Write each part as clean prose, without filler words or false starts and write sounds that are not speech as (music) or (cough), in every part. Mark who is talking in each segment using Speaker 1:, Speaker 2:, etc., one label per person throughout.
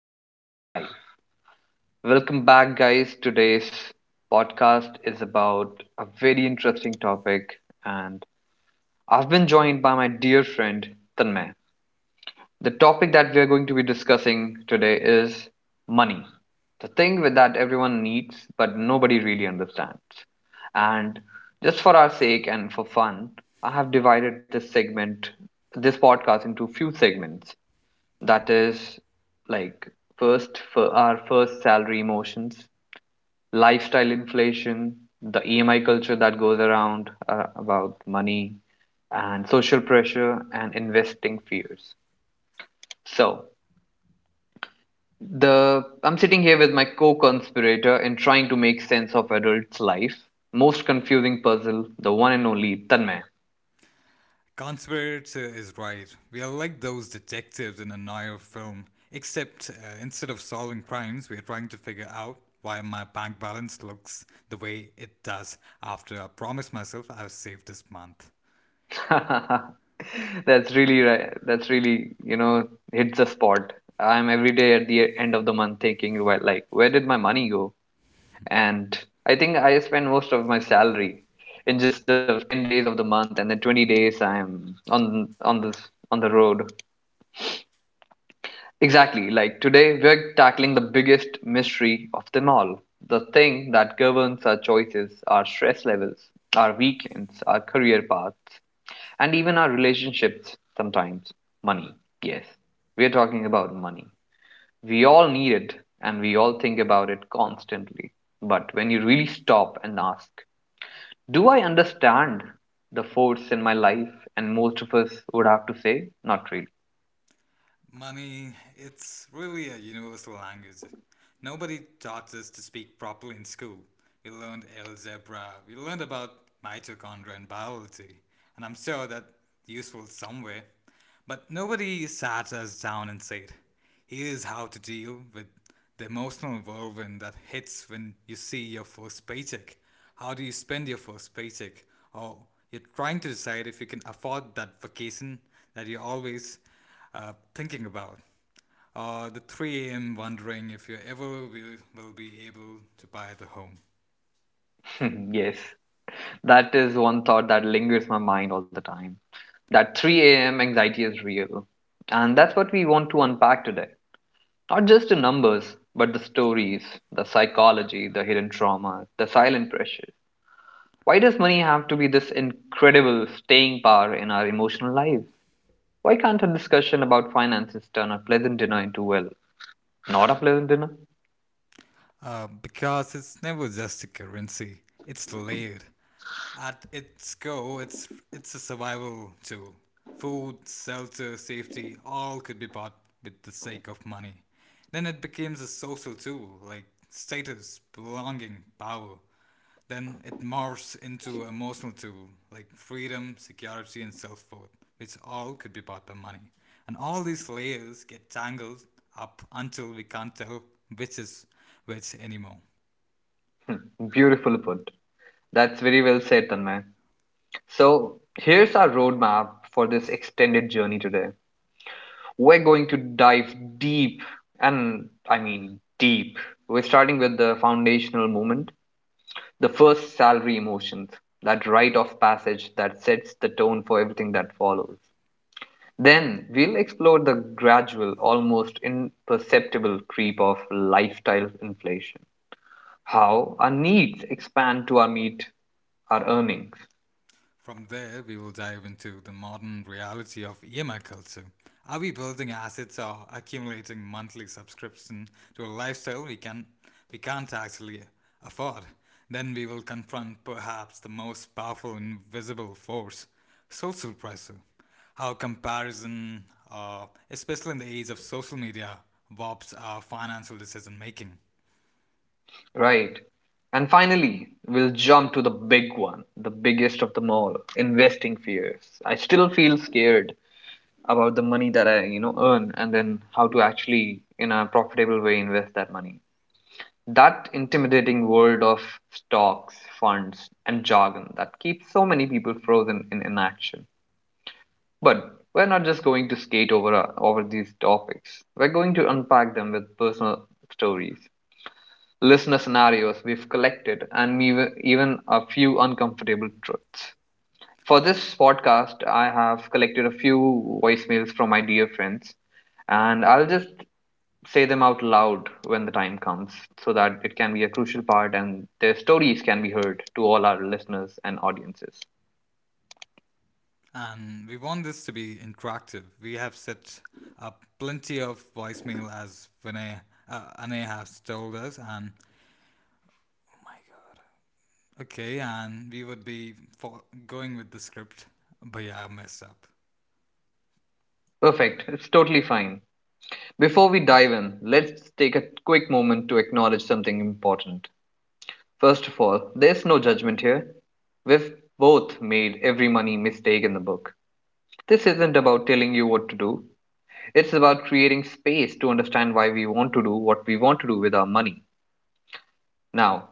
Speaker 1: and we're live. Welcome back, guys. Today's podcast is about a very interesting topic, and I've been joined by my dear friend Tanmay. The topic that we're going to be discussing today is money, the thing with that everyone needs but nobody really understands. And just for our sake and for fun, I have divided this segment, this podcast, into few segments, that is, like, first for our first salary emotions, lifestyle inflation, the EMI culture that goes around about money, and social pressure and investing fears. So the I'm sitting here with my co-conspirator in trying to make sense of adult's life most confusing puzzle, the one and only Tanmay.
Speaker 2: Conspirator is right. We are like those detectives in a noir film, except instead of solving crimes, we are trying to figure out why my bank balance looks the way it does after I promised myself I've saved this month.
Speaker 1: (laughs) That's really right. That's really, you know, hits the spot. I'm every day at the end of the month thinking, well, like, where did my money go? And I think I spend most of my salary in just the 10 days of the month, and then 20 days I'm on the road. Exactly. Like today, we're tackling the biggest mystery of them all. The thing that governs our choices, our stress levels, our weekends, our career paths, and even our relationships sometimes. Money, yes, we're talking about money. We all need it and we all think about it constantly. But when you really stop and ask, do I understand the force in my life? And most of us would have to say, not really.
Speaker 2: Money, it's really a universal language. Nobody taught us to speak properly in school. We learned algebra, we learned about mitochondria and biology, and I'm sure that's useful somewhere. But nobody sat us down and said, here's how to deal with the emotional whirlwind that hits when you see your first paycheck. How do you spend your first paycheck? Oh, you're trying to decide if you can afford that vacation that you're always thinking about. Or the 3 a.m. wondering if you ever will be able to buy the home.
Speaker 1: (laughs) Yes, that is one thought that lingers in my mind all the time. That 3 a.m. anxiety is real. And that's what we want to unpack today. Not just the numbers, but the stories, the psychology, the hidden trauma, the silent pressure. Why does money have to be this incredible staying power in our emotional lives? Why can't a discussion about finances turn a pleasant dinner into, well, not a pleasant dinner?
Speaker 2: Because it's never just a currency. It's layered. At its core, it's a survival tool. Food, shelter, safety, all could be bought with the sake of money. Then it becomes a social tool like status, belonging, power. Then it morphs into emotional too, like freedom, security, and self worth, which all could be bought by money. And all these layers get tangled up until we can't tell which is which anymore.
Speaker 1: Beautiful put. That's very well said, Tanmay. So, here's our roadmap for this extended journey today. We're going to dive deep, and I mean deep. We're starting with the foundational moment, the first salary emotions, that rite of passage that sets the tone for everything that follows. Then we'll explore the gradual, almost imperceptible creep of lifestyle inflation, how our needs expand to our meet our earnings,
Speaker 2: From there, we will dive into the modern reality of EMI culture. Are we building assets or accumulating monthly subscription to a lifestyle we can't actually afford? Then we will confront perhaps the most powerful invisible force, social pressure. How comparison, especially in the age of social media, warps our financial decision making.
Speaker 1: right? And finally, we'll jump to the big one, the biggest of them all, investing fears. I still feel scared about the money that I, you know, earn and then how to actually in a profitable way invest that money. That intimidating world of stocks, funds, and jargon that keeps so many people frozen in inaction. But we're not just going to skate over, over these topics, we're going to unpack them with personal stories, listener scenarios we've collected, and even a few uncomfortable truths. For this podcast, I have collected a few voicemails from my dear friends, and I'll just say them out loud when the time comes so that it can be a crucial part and their stories can be heard to all our listeners and audiences.
Speaker 2: And we want this to be interactive. We have set up plenty of voicemail as Anay has told us, and okay, and we would be for going with the script, but yeah, I messed up.
Speaker 1: Perfect, it's totally fine. Before we dive in, let's take a quick moment to acknowledge something important. First of all, there's no judgment here. We've both made every money mistake in the book. This isn't about telling you what to do. It's about creating space to understand why we want to do what we want to do with our money. Now,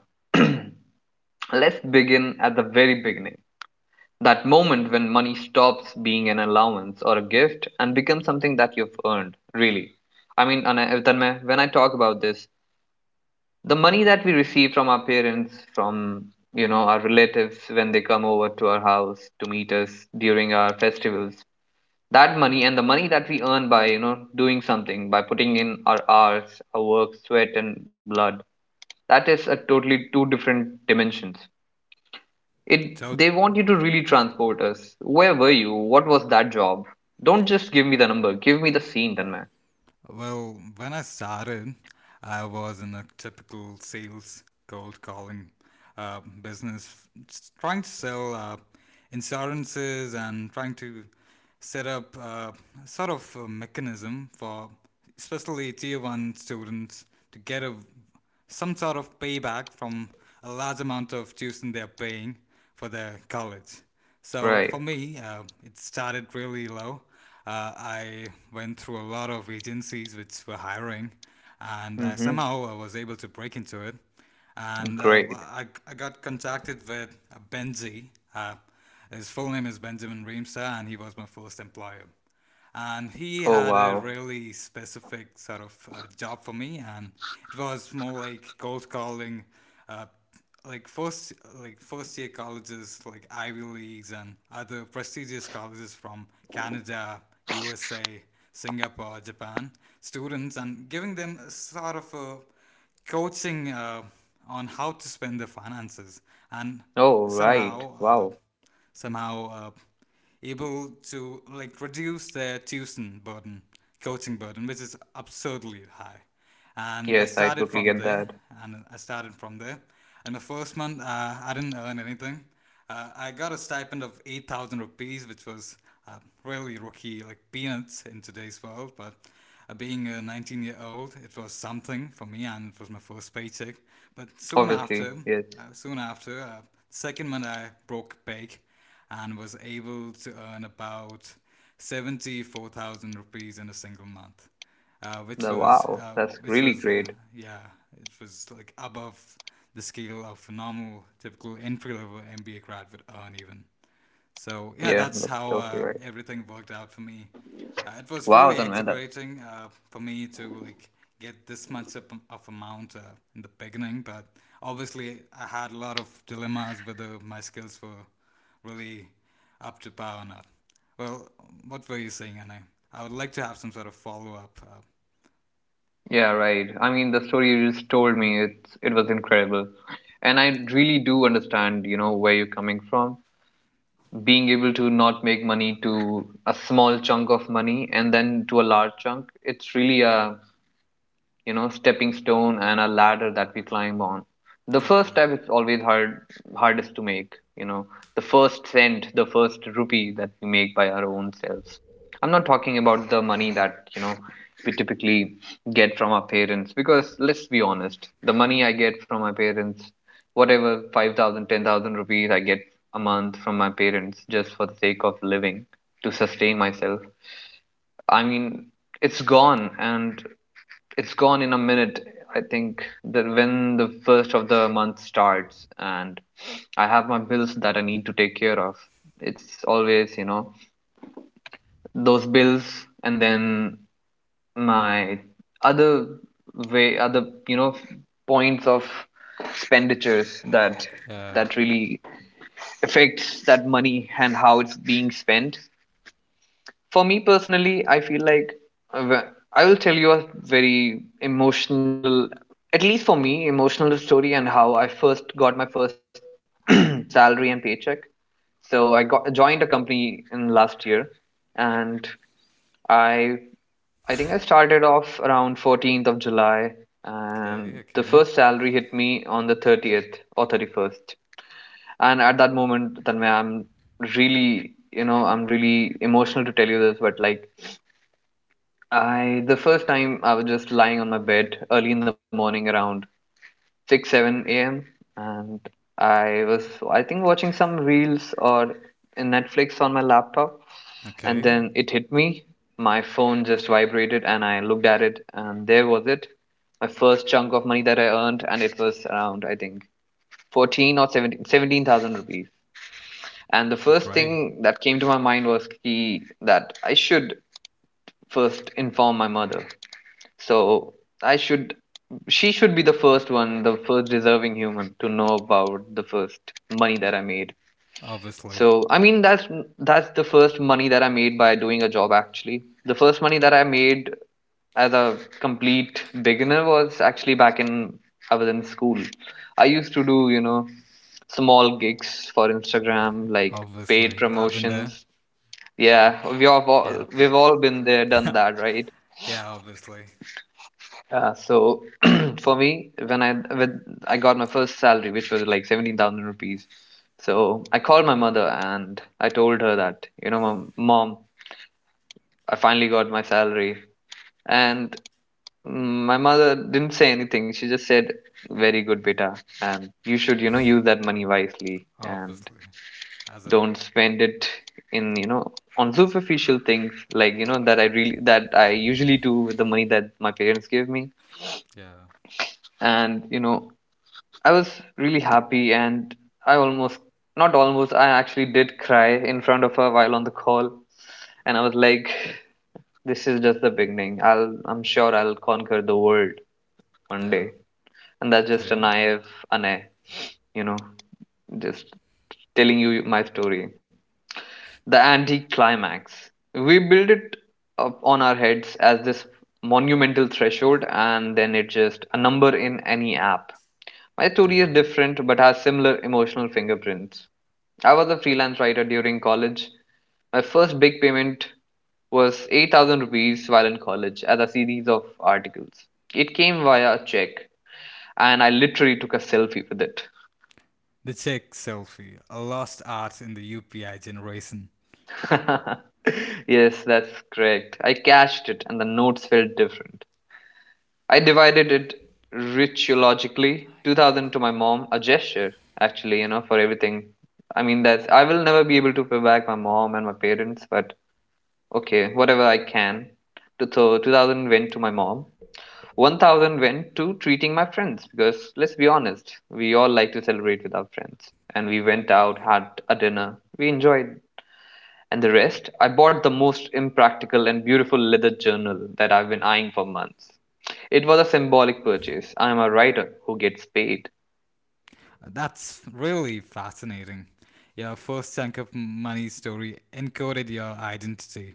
Speaker 1: let's begin at the very beginning. That moment when money stops being an allowance or a gift and becomes something that you've earned, really. I mean, Tanmay, when I talk about this, the money that we receive from our parents, from our relatives when they come over to our house to meet us during our festivals, that money and the money that we earn by doing something, by putting in our hours, our work, sweat and blood, that is a totally two different dimensions. it
Speaker 2: So,
Speaker 1: they want you to really transport us. Where were you? What was that job? Don't just give me the number, give me the scene, then, man.
Speaker 2: well, when I started, I was in a typical sales cold calling business, trying to sell insurances and trying to set up sort of a mechanism for especially tier one students to get a some sort of payback from a large amount of tuition they're paying for their college. So
Speaker 1: Right.
Speaker 2: for me, it started really low. I went through a lot of agencies which were hiring, and I
Speaker 1: Mm-hmm.
Speaker 2: somehow I was able to break into it. And uh,
Speaker 1: Great.
Speaker 2: I, I got contacted with Benji. Uh, his full name is Benjamin Reemster, and he was my first employer and he
Speaker 1: Oh,
Speaker 2: had
Speaker 1: wow.
Speaker 2: a really specific sort of job for me, and it was more like cold calling uh, like first year colleges like Ivy Leagues and other prestigious colleges from Canada, USA, Singapore, Japan students, and giving them sort of a coaching on how to spend their finances, and
Speaker 1: Oh, right,
Speaker 2: somehow uh,
Speaker 1: wow.
Speaker 2: somehow able to like reduce their tuition burden, coaching burden, which is absurdly high. And I
Speaker 1: Yes, I
Speaker 2: started
Speaker 1: totally
Speaker 2: from
Speaker 1: get that.
Speaker 2: there, and I started from there. And the first month, I didn't earn anything. I got a stipend of 8,000 rupees, which was uh, really rookie, like peanuts in today's world, but being a 19-year-old, it was something for me, and it was my first paycheck. But soon
Speaker 1: Obviously,
Speaker 2: after,
Speaker 1: yes.
Speaker 2: uh, soon after, uh, the second month I broke big, and was able to earn about 74,000 rupees in a single month, uh, which
Speaker 1: the
Speaker 2: was
Speaker 1: wow
Speaker 2: uh,
Speaker 1: that's
Speaker 2: which
Speaker 1: really
Speaker 2: was
Speaker 1: great.
Speaker 2: yeah, it was like above the scale of normal typical entry level MBA grad would earn even. So yeah,
Speaker 1: Yeah,
Speaker 2: that's
Speaker 1: that's
Speaker 2: how
Speaker 1: totally right.
Speaker 2: everything worked out for me. It was
Speaker 1: Wow.
Speaker 2: really
Speaker 1: Then,
Speaker 2: exhilarating for me to like get this much of amount in the beginning, but obviously I had a lot of dilemmas whether my skills were really up to par or not. Well, what were you saying, Anna? I would like to have some sort of follow up.
Speaker 1: yeah, right. I mean, the story you just told me, it was incredible. And I really do understand, you know, where you're coming from. Being able to not make money to a small chunk of money and then to a large chunk, it's really a, you know, stepping stone and a ladder that we climb on. The first
Speaker 2: Totally.
Speaker 1: step is always hard, hardest to make, you know, the first cent, the first rupee that we make by our own selves. I'm not talking about the money that, you know, we typically get from our parents, because let's be honest, the money I get from my parents, whatever, 5,000, 10,000 rupees I get a month from my parents just for the sake of living, to sustain myself, I mean, it's gone. And it's gone in a minute. I think that when the first of the month starts and I have my bills that I need to take care of, it's always, you know, those bills, and then my other, way other, you know, points of expenditures, that
Speaker 2: Yeah.
Speaker 1: that really affects that money and how it's being spent. For me personally, I feel like, uh, I will tell you a very emotional, at least for me, emotional story and how I first got my first (clears throat) salary and paycheck. So I got joined a company in last year, and I I think I started off around 14th of July,
Speaker 2: Okay.
Speaker 1: and the
Speaker 2: Okay.
Speaker 1: first salary hit me on the 30th or 31st. And at that moment, Tanmay, I'm really emotional to tell you this, but, like, I the first time I was just lying on my bed early in the morning around 6, 7 a.m., and I was, I think, watching some reels or in Netflix on my laptop, and
Speaker 2: Okay.
Speaker 1: then it hit me. My phone just vibrated and I looked at it and there was it, my first chunk of money that I earned, and it was around, I think, 14 or 17, 17,000 rupees. And the first
Speaker 2: Great.
Speaker 1: thing that came to my mind was ki, that I should first inform my mother. So I should, she should be the first one, the first deserving human to know about the first money that I made.
Speaker 2: Obviously.
Speaker 1: So I mean, that's the first money that I made by doing a job, actually. The first money that I made as a complete beginner was actually back in, I was in school. I used to do, you know, small gigs for Instagram, like paid
Speaker 2: Obviously. I've been there.
Speaker 1: promotions. Yeah,
Speaker 2: Yep.
Speaker 1: we have all
Speaker 2: Yep. Yep.
Speaker 1: we've all been there, done that, right?
Speaker 2: Yeah, obviously.
Speaker 1: So (clears throat) for me, when I got my first salary, which was like 17,000 rupees, so I called my mother and I told her that, you know, mom, mom, I finally got my salary. And my mother didn't say anything. She just said, "Very good, beta, and you should, you know, use that money wisely and
Speaker 2: Obviously. As a
Speaker 1: don't spend it in, you know, on superficial things, like, you know, that I usually do with the money that my parents give me."
Speaker 2: Yeah.
Speaker 1: And, you know, I was really happy and I almost, not almost, I actually did cry in front of her while on the call. And I was like, this is just the beginning. I'm sure I'll conquer the world one
Speaker 2: Yeah.
Speaker 1: day. And that's just a
Speaker 2: Okay.
Speaker 1: naive Ane, you know, just telling you my story. The anti-climax. We build it up on our heads as this monumental threshold and then it's just a number in any app. My story is
Speaker 2: Yeah.
Speaker 1: different but has similar emotional fingerprints. I was a freelance writer during college. My first big payment was 8,000 rupees while in college as a series of articles. It came via a check, and I literally took a selfie with it.
Speaker 2: The chick selfie, a lost art in the UPI generation.
Speaker 1: (laughs) Yes, that's correct. I cashed it, and the notes felt different. I divided it rituologically: 2,000 to my mom, a gesture, actually, you know, for everything. I mean, that's, I will never be able to pay back my mom and my parents, but, okay, whatever I can. So 2,000 went to my mom. 1,000 went to treating my friends, because let's be honest, we all like to celebrate with our friends. And we went out, had a dinner. We enjoyed. And the rest, I bought the most impractical and beautiful leather journal that I've been eyeing for months. It was a symbolic purchase. I am a writer who gets paid.
Speaker 2: That's really fascinating. Your first chunk of money story encoded your identity.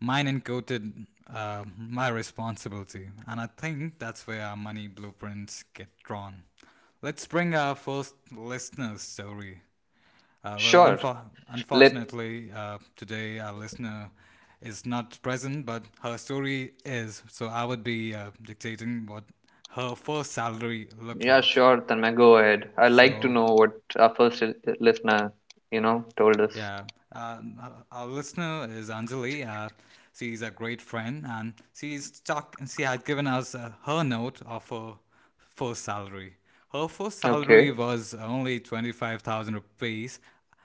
Speaker 2: Mine encoded my responsibility. And I think that's where our money blueprints get drawn. Let's bring our first listener story. Uh, well,
Speaker 1: Sure.
Speaker 2: unfor-
Speaker 1: Let
Speaker 2: unfortunately, uh, today our listener is not present, but her story is. So I would be dictating what her first salary looked
Speaker 1: Yeah,
Speaker 2: like.
Speaker 1: sure, Tanmay, go ahead. I'd like to
Speaker 2: So,
Speaker 1: know what our first listener, you know, told us.
Speaker 2: yeah, uh, our listener is Anjali. She's a great friend, and she had given us her note of her first salary. Her first
Speaker 1: Okay.
Speaker 2: salary was only 25,000 rupees,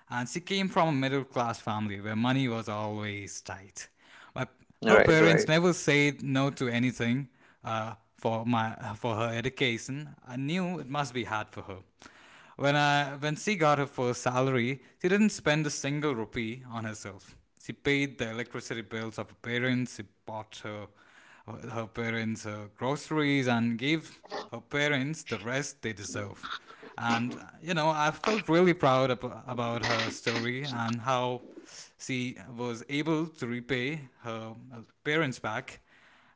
Speaker 2: and she came from a middle-class family where money was always tight. My, her
Speaker 1: Right,
Speaker 2: parents
Speaker 1: right.
Speaker 2: never said no to anything for her education. I knew it must be hard for her. When she got her first salary, she didn't spend a single rupee on herself. She paid the electricity bills of her parents. She bought her parents her groceries and gave her parents the rest they deserve. And, you know, I felt really proud about her story and how she was able to repay her parents back.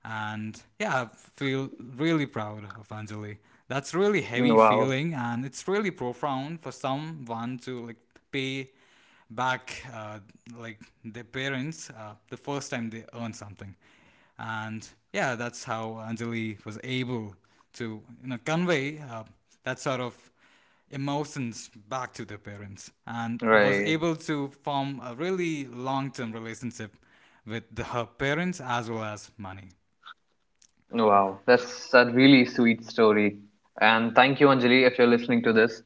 Speaker 2: And yeah, I feel really proud of Anjali. That's really heavy
Speaker 1: Wow,
Speaker 2: feeling and it's really profound for someone to like pay back like their parents the first time they earn something, and yeah, that's how Anjali was able to you know convey that sort of emotions back to the parents and was
Speaker 1: right.
Speaker 2: able to form a really long-term relationship with her parents as well as money.
Speaker 1: Wow, that's a really sweet story. And thank you, Anjali, if you're listening to this.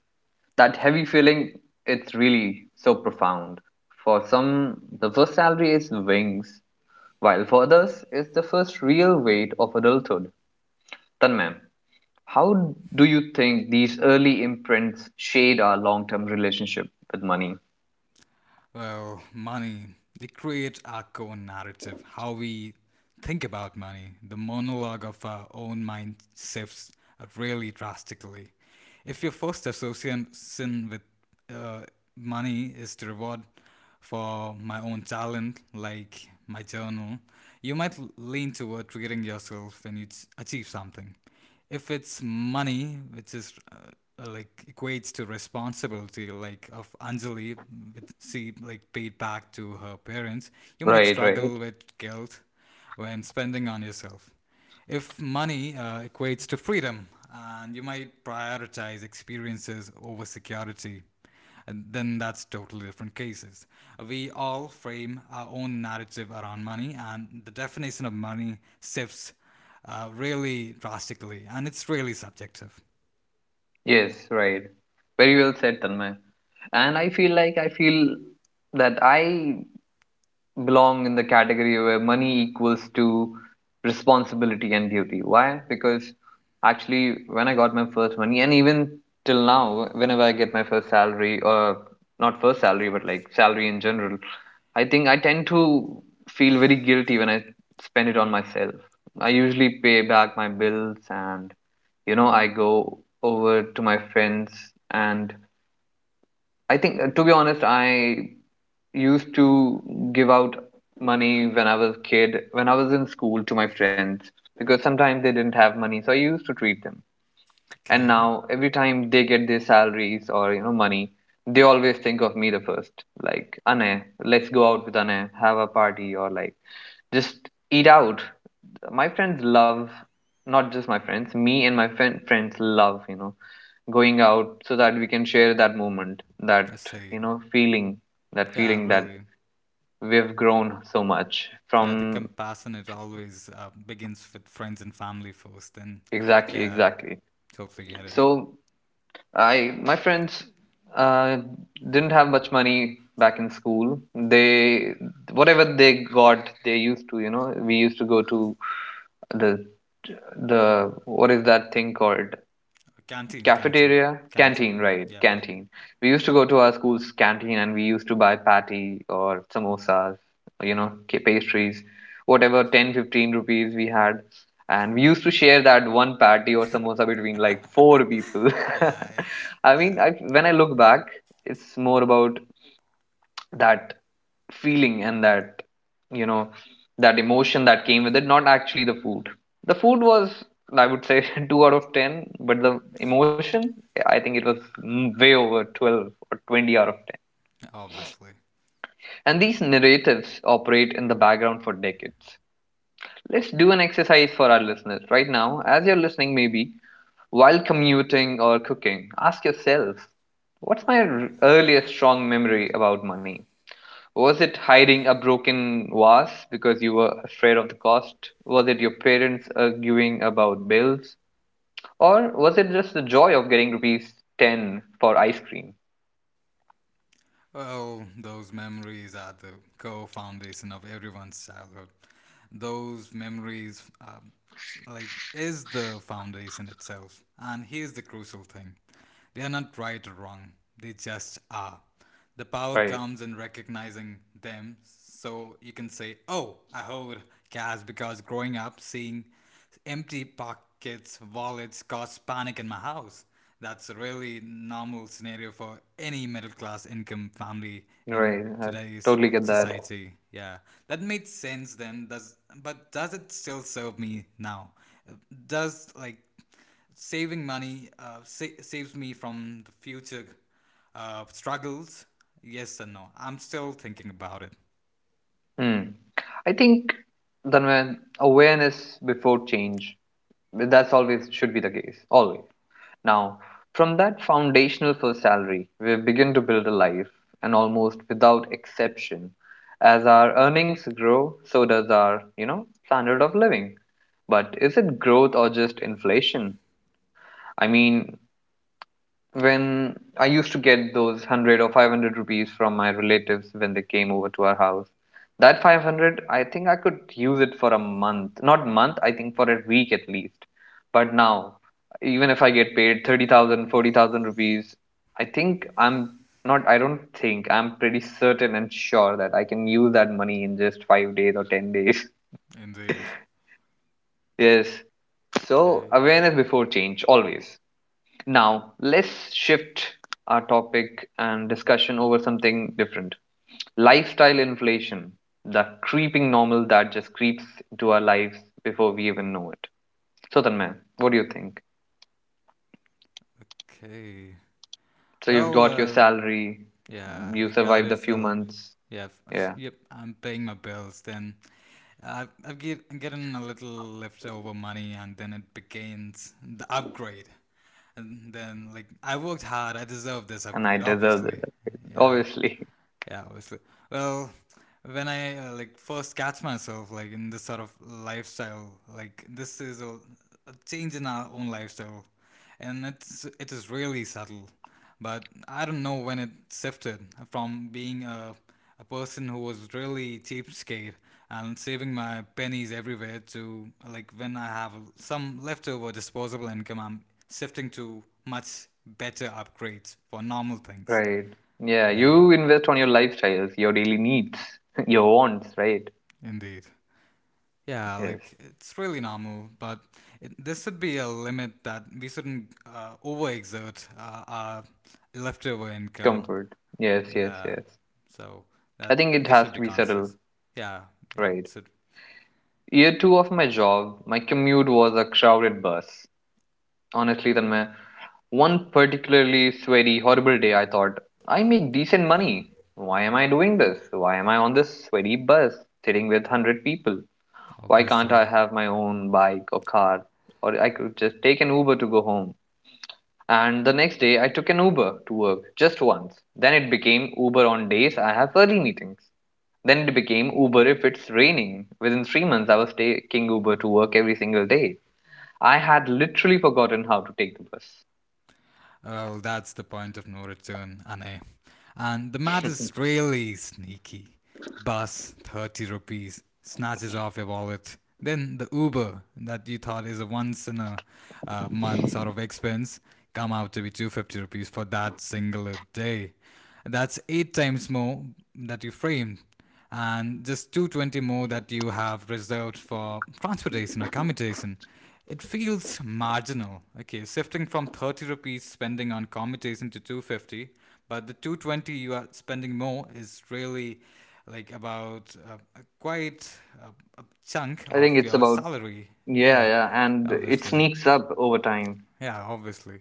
Speaker 1: That heavy feeling, it's really so profound. For some, the first salary is wings, while for others, it's the first real weight of adulthood. Tanmay, how do you think these early imprints shade our long term relationship with money?
Speaker 2: Well, money. They create our own narrative, how we think about money. The monologue of our own mind shifts really drastically. If your first association with uh, money is to reward for my own talent, like my journal, you might lean toward treating yourself when you achieve something. If it's money which is like equates to responsibility like of Anjali, with she like paid back to her parents, you might
Speaker 1: Right,
Speaker 2: struggle
Speaker 1: right.
Speaker 2: with guilt when spending on yourself. If money equates to freedom, and you might prioritize experiences over security, then that's totally different cases. We all frame our own narrative around money, and the definition of money shifts really drastically, and it's really subjective.
Speaker 1: Yes, right. Very well said, Tanmay. And I feel that I belong in the category where money equals to responsibility and duty. Why? Because actually, when I got my first money, and even till now, whenever I get my first salary, or not first salary, but like salary in general, I think I tend to feel very guilty when I spend it on myself. I usually pay back my bills and I go over to my friends and I think, to be honest, I used to give out money when I was a kid, when I was in school to my friends, because sometimes they didn't have money, so I used to treat them. And
Speaker 2: Okay,
Speaker 1: now, every time they get their salaries or you know, money, they always think of me the first. Like, Anay, let's go out with Anay, have a party, or like, just eat out. My friends love, not just my friends, me and my friend friends love, you know, going out so that we can share that moment, that,
Speaker 2: let's see.
Speaker 1: feeling, that
Speaker 2: Yeah,
Speaker 1: feeling that
Speaker 2: really.
Speaker 1: we've grown so much
Speaker 2: Yeah, the
Speaker 1: from.
Speaker 2: compassion it always begins with friends and family first. Then,
Speaker 1: Exactly,
Speaker 2: yeah,
Speaker 1: exactly.
Speaker 2: totally get it.
Speaker 1: So I, my friends, uh, didn't have much money back in school. They, whatever they got, they used to, you know, we used to go to the the what is that thing called?
Speaker 2: Canteen, canteen,
Speaker 1: Cafeteria? Canteen,
Speaker 2: Canteen.
Speaker 1: right.
Speaker 2: Yep, yep.
Speaker 1: Canteen. We used to go to our school's canteen and we used to buy patty or samosas, you know, pastries, whatever. 10, 15 rupees we had. And we used to share that one patty or samosa between like four people.
Speaker 2: Yeah,
Speaker 1: (laughs) I mean,
Speaker 2: yeah,
Speaker 1: I,
Speaker 2: (laughs)
Speaker 1: when I look back, it's more about that feeling and that you know that emotion that came with it, not actually the food. The food was, I would say, (laughs) 2 out of 10, but the emotion, yeah, I think it was way over 12, or 20 out of 10.
Speaker 2: yeah. Obviously.
Speaker 1: And these narratives operate in the background for decades. Let's do an exercise for our listeners. Right now, as you're listening, maybe while commuting or cooking, ask yourself, what's my earliest strong memory about money? Was it hiding a broken vase because you were afraid of the cost? Was it your parents arguing about bills? Or was it just the joy of getting rupees 10 for ice cream?
Speaker 2: Well, those memories are the core foundation of everyone's childhood. Those memories, like, is the foundation itself. And here's the crucial thing, they are not right or wrong, they just are. The power
Speaker 1: Right.
Speaker 2: comes in recognizing them. So you can say, oh, I hold cash because growing up, seeing empty pockets, wallets caused panic in my house. That's a really normal scenario for any middle class income family in
Speaker 1: Right, I
Speaker 2: today's
Speaker 1: totally get that.
Speaker 2: society. Yeah, that made sense then. Does, but does it still serve me now? Does like saving money saves me from the future struggles. Yes and no. I'm still thinking about it.
Speaker 1: Hmm. I think, Dhanvan, awareness before change. That's always should be the case. Always. Now, from that foundational first salary, we begin to build a life, and almost without exception, as our earnings grow, so does our, you know, standard of living. But is it growth or just inflation? I mean, when I used to get those 100 or 500 rupees from my relatives when they came over to our house. That 500, I think I could use it for a month. Not month, I think for a week at least. But now, even if I get paid 30,000, 40,000 rupees, I think I don't think, I'm pretty certain and sure that I can use that money in just 5 days or 10 days. (laughs)
Speaker 2: Indeed.
Speaker 1: Yes. So,
Speaker 2: Okay.
Speaker 1: awareness before change, always. Now, let's shift our topic and discussion over something different. Lifestyle inflation, the creeping normal that just creeps into our lives before we even know it. So, Tanmay, what do you think?
Speaker 2: Okay.
Speaker 1: So, you've
Speaker 2: Well,
Speaker 1: got your salary,
Speaker 2: yeah,
Speaker 1: you
Speaker 2: I got
Speaker 1: survived a
Speaker 2: it.
Speaker 1: few
Speaker 2: So,
Speaker 1: months,
Speaker 2: yeah,
Speaker 1: yeah,
Speaker 2: yep, I'm paying my bills. Then I'm getting a little leftover money, and then it begins the upgrade. And then, like, I worked hard. I deserve this
Speaker 1: and I
Speaker 2: upgrade,
Speaker 1: deserve it,
Speaker 2: obviously. Yeah.
Speaker 1: obviously,
Speaker 2: Yeah, obviously. Well, when I like first catch myself like in this sort of lifestyle, like this is a change in our own lifestyle, and it is really subtle. But I don't know when it shifted from being a person who was really cheapskate and saving my pennies everywhere to like when I have some leftover disposable income, I'm shifting to much better upgrades for normal
Speaker 1: (laughs)
Speaker 2: things.
Speaker 1: right? Yeah,
Speaker 2: Yeah,
Speaker 1: you invest on your lifestyles, your daily needs, (laughs) your wants, right?
Speaker 2: indeed. Yeah,
Speaker 1: Yes,
Speaker 2: like it's really normal, but it, this should be a limit that we shouldn't overexert our leftover income.
Speaker 1: comfort. Yes, yes,
Speaker 2: Yeah,
Speaker 1: yes.
Speaker 2: so
Speaker 1: I
Speaker 2: that
Speaker 1: think it
Speaker 2: we
Speaker 1: has
Speaker 2: should be
Speaker 1: to be subtle,
Speaker 2: conscious. Yeah, yeah, it
Speaker 1: right?
Speaker 2: should,
Speaker 1: Year two of my job, my commute was a crowded bus. Honestly, Tanmay, one particularly sweaty, horrible day, I thought, I make decent money. Why am I doing this? Why am I on this sweaty bus sitting with 100 people? Why can't I
Speaker 2: obviously.
Speaker 1: have my own bike or car? Or I could just take an Uber to go home. And the next day, I took an Uber to work just once. Then it became Uber on days I have early meetings. Then it became Uber if it's raining. Within 3 months, I was taking Uber to work every single day. I had literally forgotten how to take the bus.
Speaker 2: Oh, that's the point of no return, Anne. And the mat is really sneaky. Bus, 30 rupees, snatches off your wallet. Then the Uber that you thought is a once in a month sort of expense come out to be 250 rupees for that singular day. That's eight times more that you framed and just 220 more that you have reserved for transportation or commutation. It feels marginal. Okay, shifting from 30 rupees spending on commutation to 250, but the 220 you are spending more is really like about quite a chunk
Speaker 1: I think
Speaker 2: of
Speaker 1: it's
Speaker 2: your
Speaker 1: about,
Speaker 2: salary.
Speaker 1: yeah,
Speaker 2: Yeah,
Speaker 1: yeah, and it
Speaker 2: obviously.
Speaker 1: sneaks up over time.
Speaker 2: Yeah, obviously.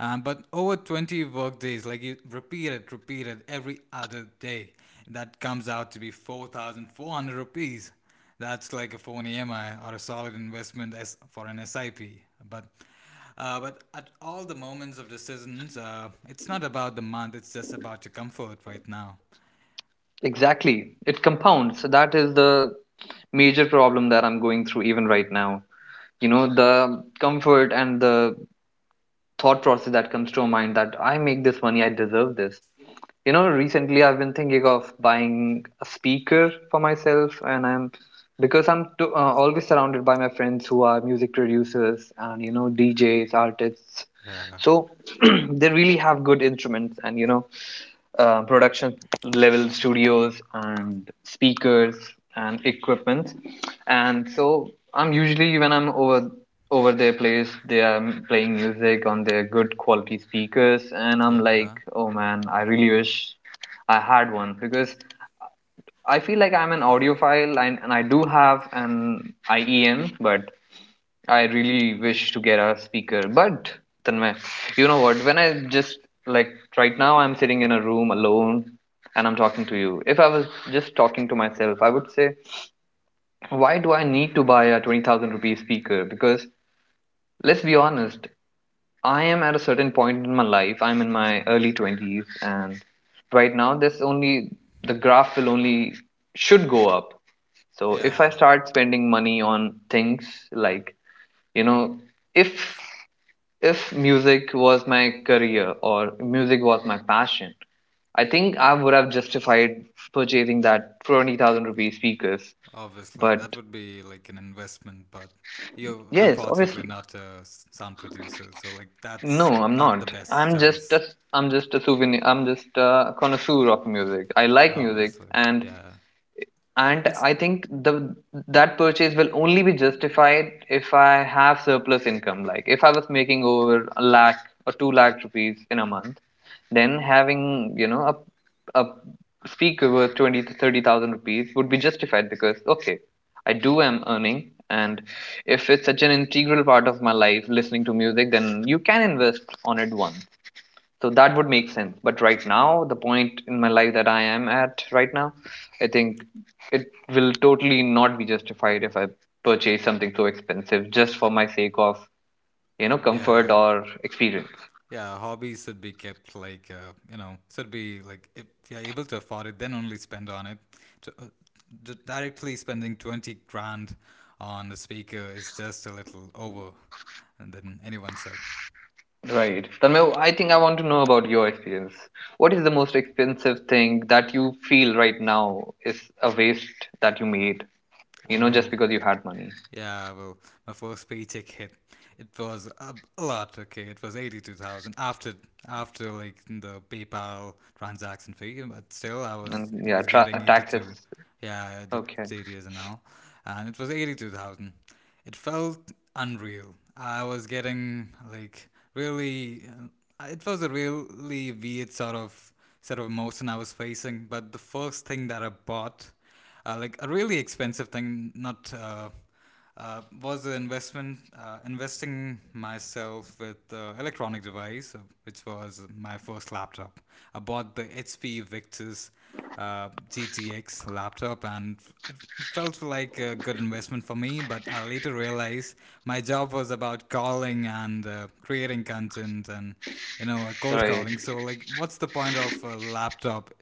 Speaker 2: But over 20 work days, like you repeat it every other day, that comes out to be 4,400 rupees. That's like a phone EMI or a solid investment as for an SIP. But but at all the moments of decisions, it's not about the month, it's just about your comfort right now.
Speaker 1: Exactly. It compounds. So that is the major problem that I'm going through even right now. You know, the comfort and the thought process that comes to my mind that I make this money, I deserve this. You know, recently I've been thinking of buying a speaker for myself, and I'm because I'm to, always surrounded by my friends who are music producers and you know DJs, artists.
Speaker 2: Yeah,
Speaker 1: So (clears throat) they really have good instruments and you know production level studios and speakers and equipment. And so I'm usually when I'm over their place, they are playing music on their good quality speakers, and I'm like,
Speaker 2: yeah,
Speaker 1: oh man, I really wish I had one because I feel like I'm an audiophile, and I do have an IEM, but I really wish to get a speaker. But Tanmay, you know what, when I just like right now, I'm sitting in a room alone and I'm talking to you. If I was just talking to myself, I would say, why do I need to buy a 20,000 rupee speaker? Because let's be honest, I am at a certain point in my life. I'm in my early 20s, and right now, this only, the graph will only should go up. So if I
Speaker 2: yeah,
Speaker 1: start spending money on things like, you know, if if music was my career or music was my passion, I think I would have justified purchasing that 20,000 rupee speakers.
Speaker 2: obviously. That
Speaker 1: But
Speaker 2: would be like an investment, but you're
Speaker 1: yes,
Speaker 2: unfortunately
Speaker 1: obviously.
Speaker 2: not a sound producer, so like
Speaker 1: No,
Speaker 2: that's
Speaker 1: I'm
Speaker 2: not the
Speaker 1: not.
Speaker 2: best choice,
Speaker 1: I'm just a souvenir. I'm just a connoisseur of music. I like music,
Speaker 2: obviously. Yeah,
Speaker 1: and
Speaker 2: it's,
Speaker 1: I think the that purchase will only be justified if I have surplus income. Like if I was making over a lakh or two lakh rupees in a month, then having you know a speaker worth twenty to thirty thousand rupees would be justified because okay, I do am earning, and if it's such an integral part of my life, listening to music, then you can invest on it once, so that would make sense. But right now, the point in my life that I am at right now, I think it will totally not be justified if I purchase something so expensive just for my sake of you know comfort
Speaker 2: yeah,
Speaker 1: or experience.
Speaker 2: yeah, hobbies should be kept like should be like if you're able to afford it, then only spend on it. To, uh, directly spending 20 grand on a speaker is just a little over, and then anyone said,
Speaker 1: Right Tanmay, I think I want to know about your experience. What is the most expensive thing that you feel right now is a waste that you made, you know, just
Speaker 2: "Well,
Speaker 1: because you had money?
Speaker 2: yeah, my first paycheck hit. It was a lot. Okay, it was 82,000 after like the PayPal transaction fee, but still, I
Speaker 1: And
Speaker 2: was I
Speaker 1: yeah,
Speaker 2: was getting
Speaker 1: taxes.
Speaker 2: 82. Yeah, I did
Speaker 1: Okay.
Speaker 2: 8 years now, and it was 82,000. It felt unreal. I was getting like really. It was a really weird sort of emotion I was facing. But the first thing that I bought, like a really expensive thing, not. Was the investment investing myself with electronic device, which was my first laptop. I bought the HP Victus GTX laptop, and it felt like a good investment for me. But I later realized my job was about calling and creating content, and cold
Speaker 1: Right.
Speaker 2: calling. So, like, what's the point of a laptop?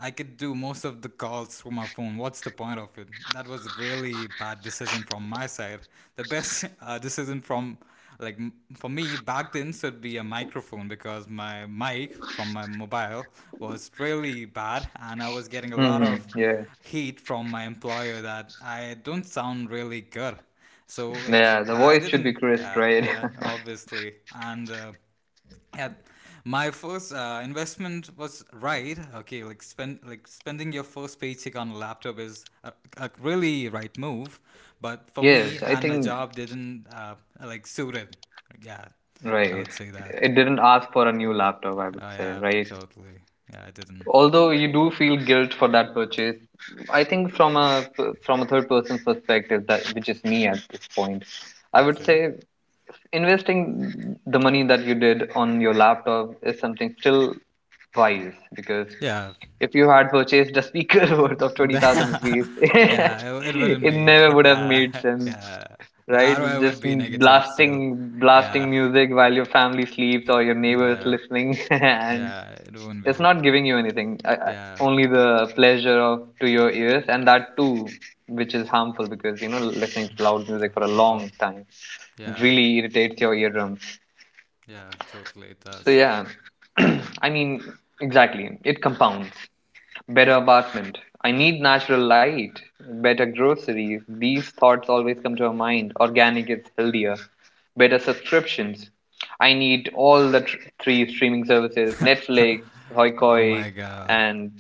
Speaker 2: I could do most of the calls through my phone. What's the point of it? That was really bad decision from my side. The best (laughs) decision from, like, for me back then should be a microphone because my mic from my mobile was really bad and I was getting a lot
Speaker 1: Hmm.
Speaker 2: of
Speaker 1: Yeah.
Speaker 2: heat from my employer that I don't sound really good. So, like,
Speaker 1: Yeah, the
Speaker 2: I
Speaker 1: voice should be
Speaker 2: didn't.
Speaker 1: crisp,
Speaker 2: Yeah,
Speaker 1: right?
Speaker 2: yeah,
Speaker 1: (laughs)
Speaker 2: obviously. And yeah, my first investment was right. Okay, like spend like spending your first paycheck on a laptop is a really right move, but for me
Speaker 1: Yes, I
Speaker 2: and my
Speaker 1: think
Speaker 2: job didn't like suit it. Yeah, I
Speaker 1: right.
Speaker 2: would say that
Speaker 1: It didn't ask for a new laptop, I would say,
Speaker 2: yeah,
Speaker 1: right?
Speaker 2: totally. Yeah, I didn't.
Speaker 1: Although you do feel guilt for that purchase, I think from a third person's perspective, that which is me at this point, I would
Speaker 2: Okay,
Speaker 1: say investing the money that you did on your laptop is something still wise because
Speaker 2: yeah.
Speaker 1: if you had purchased a speaker (laughs) worth of 20,000
Speaker 2: (laughs)
Speaker 1: rupees, (laughs)
Speaker 2: Yeah, it wouldn't
Speaker 1: it
Speaker 2: be. (laughs)
Speaker 1: never would have made
Speaker 2: Yeah,
Speaker 1: sense,
Speaker 2: yeah, the
Speaker 1: right?
Speaker 2: ROI would
Speaker 1: Just
Speaker 2: be negative, so yeah,
Speaker 1: blasting music while your family sleeps or your neighbors
Speaker 2: uh,
Speaker 1: listening, (laughs) and
Speaker 2: yeah, it wouldn't
Speaker 1: it's
Speaker 2: be.
Speaker 1: not giving you anything.
Speaker 2: Yeah,
Speaker 1: Only the pleasure of to your ears, and that too, which is harmful because you know listening to loud music for a
Speaker 2: oh,
Speaker 1: long time, it
Speaker 2: yeah.
Speaker 1: really irritates your eardrums.
Speaker 2: Yeah, totally it
Speaker 1: So
Speaker 2: does.
Speaker 1: yeah, (clears throat) I mean exactly, it compounds. Better apartment. I need natural light. Better groceries. These thoughts always come to our mind. Organic is healthier. Better subscriptions. I need all the three streaming services, Netflix, Hoi
Speaker 2: Oh
Speaker 1: Koi,
Speaker 2: my god.
Speaker 1: and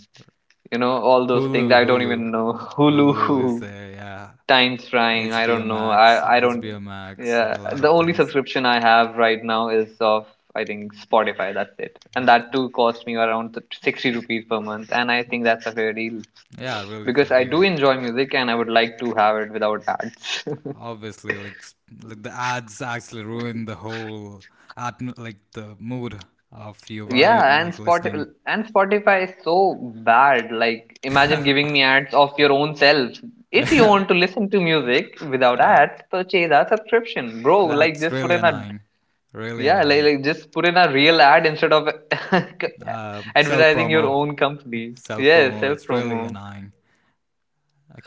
Speaker 1: you know, all those things.
Speaker 2: Hulu,
Speaker 1: I don't
Speaker 2: Hulu.
Speaker 1: even know. (laughs)
Speaker 2: Hulu is
Speaker 1: Hulu,
Speaker 2: there, yeah.
Speaker 1: Times Prime. I
Speaker 2: HBO
Speaker 1: don't know.
Speaker 2: Max,
Speaker 1: I don't.
Speaker 2: HBO Max,
Speaker 1: Yeah.
Speaker 2: a lot
Speaker 1: The
Speaker 2: of
Speaker 1: only
Speaker 2: things.
Speaker 1: subscription I have right now is of, I think, Spotify. That's it. And that too cost me around 60 rupees per month. And I think that's a fair deal
Speaker 2: Yeah, really
Speaker 1: because
Speaker 2: fair
Speaker 1: I do
Speaker 2: deal.
Speaker 1: enjoy music and I would like to have it without ads.
Speaker 2: Obviously, like, like the ads actually ruin the whole like the mood of you
Speaker 1: (laughs)
Speaker 2: valued
Speaker 1: Yeah, and
Speaker 2: like listening.
Speaker 1: Spotify is so bad. Like imagine giving me ads of your own self.
Speaker 2: (laughs)
Speaker 1: If you
Speaker 2: That's
Speaker 1: want to listen to music without ads, purchase a subscription, bro. Like just put
Speaker 2: really
Speaker 1: in a
Speaker 2: annoying, really
Speaker 1: yeah, like,
Speaker 2: annoying.
Speaker 1: like just put in a real ad instead of (laughs)
Speaker 2: Self
Speaker 1: advertising your
Speaker 2: promo,
Speaker 1: own company.
Speaker 2: self
Speaker 1: Yes,
Speaker 2: promo.
Speaker 1: self
Speaker 2: It's really
Speaker 1: promo.
Speaker 2: annoying.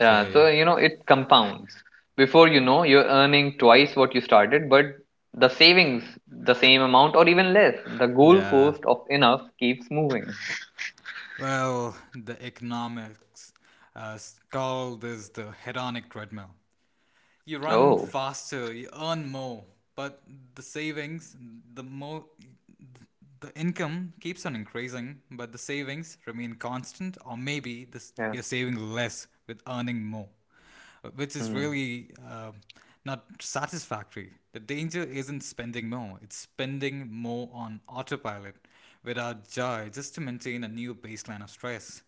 Speaker 1: Yeah, so it compounds. Before you know, you're earning twice what you started, but the savings the same amount or even less. The
Speaker 2: yeah,
Speaker 1: goalpost of enough keeps moving.
Speaker 2: well, the economics uh, called is the hedonic treadmill. You run
Speaker 1: Oh,
Speaker 2: faster, you earn more, but the savings, the more, the income keeps on increasing, but the savings remain constant, or maybe this,
Speaker 1: yeah.
Speaker 2: you're saving less with earning more, which is
Speaker 1: Hmm.
Speaker 2: really not satisfactory. The danger isn't spending more, it's spending more on autopilot without joy just to maintain a new baseline of stress.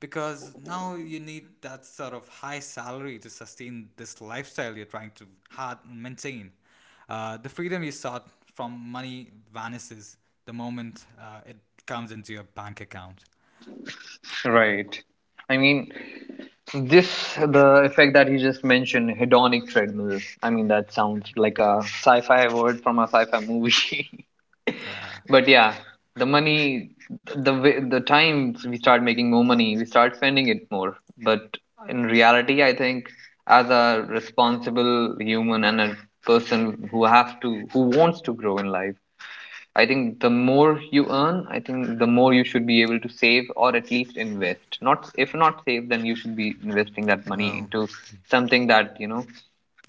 Speaker 2: Because now you need that sort of high salary to sustain this lifestyle you're trying to hard maintain. The freedom you sought from money vanishes the moment it comes into your bank account.
Speaker 1: Right. I mean, this the effect that you just mentioned, hedonic treadmill. I mean, that sounds like a sci-fi word from a sci-fi movie. (laughs)
Speaker 2: Uh,
Speaker 1: But yeah, the money the way- the times we start making more money we start spending it more, but in reality I think, as a responsible human and a person who wants to grow in life, I think the more you earn, I think the more you should be able to save or at least invest, not if not save, then you should be investing that money
Speaker 2: well,
Speaker 1: into something that you know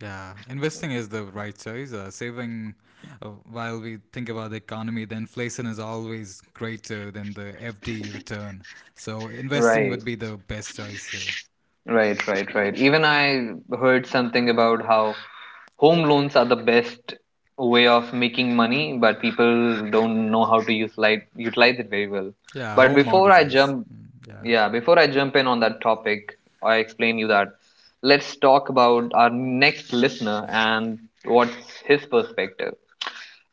Speaker 2: yeah, investing is the right choice. Saving, while we think about the economy, the inflation is always greater than the FD return. So investing
Speaker 1: Right,
Speaker 2: would be the best choice here.
Speaker 1: right, right, right. Even I heard something about how home loans are the best way of making money, but people don't know how to use light, utilize it very well.
Speaker 2: Yeah,
Speaker 1: But
Speaker 2: home mortgages. Mm, yeah.
Speaker 1: yeah, before I jump in on that topic, I explain you that. Let's talk about our next listener and what's his perspective.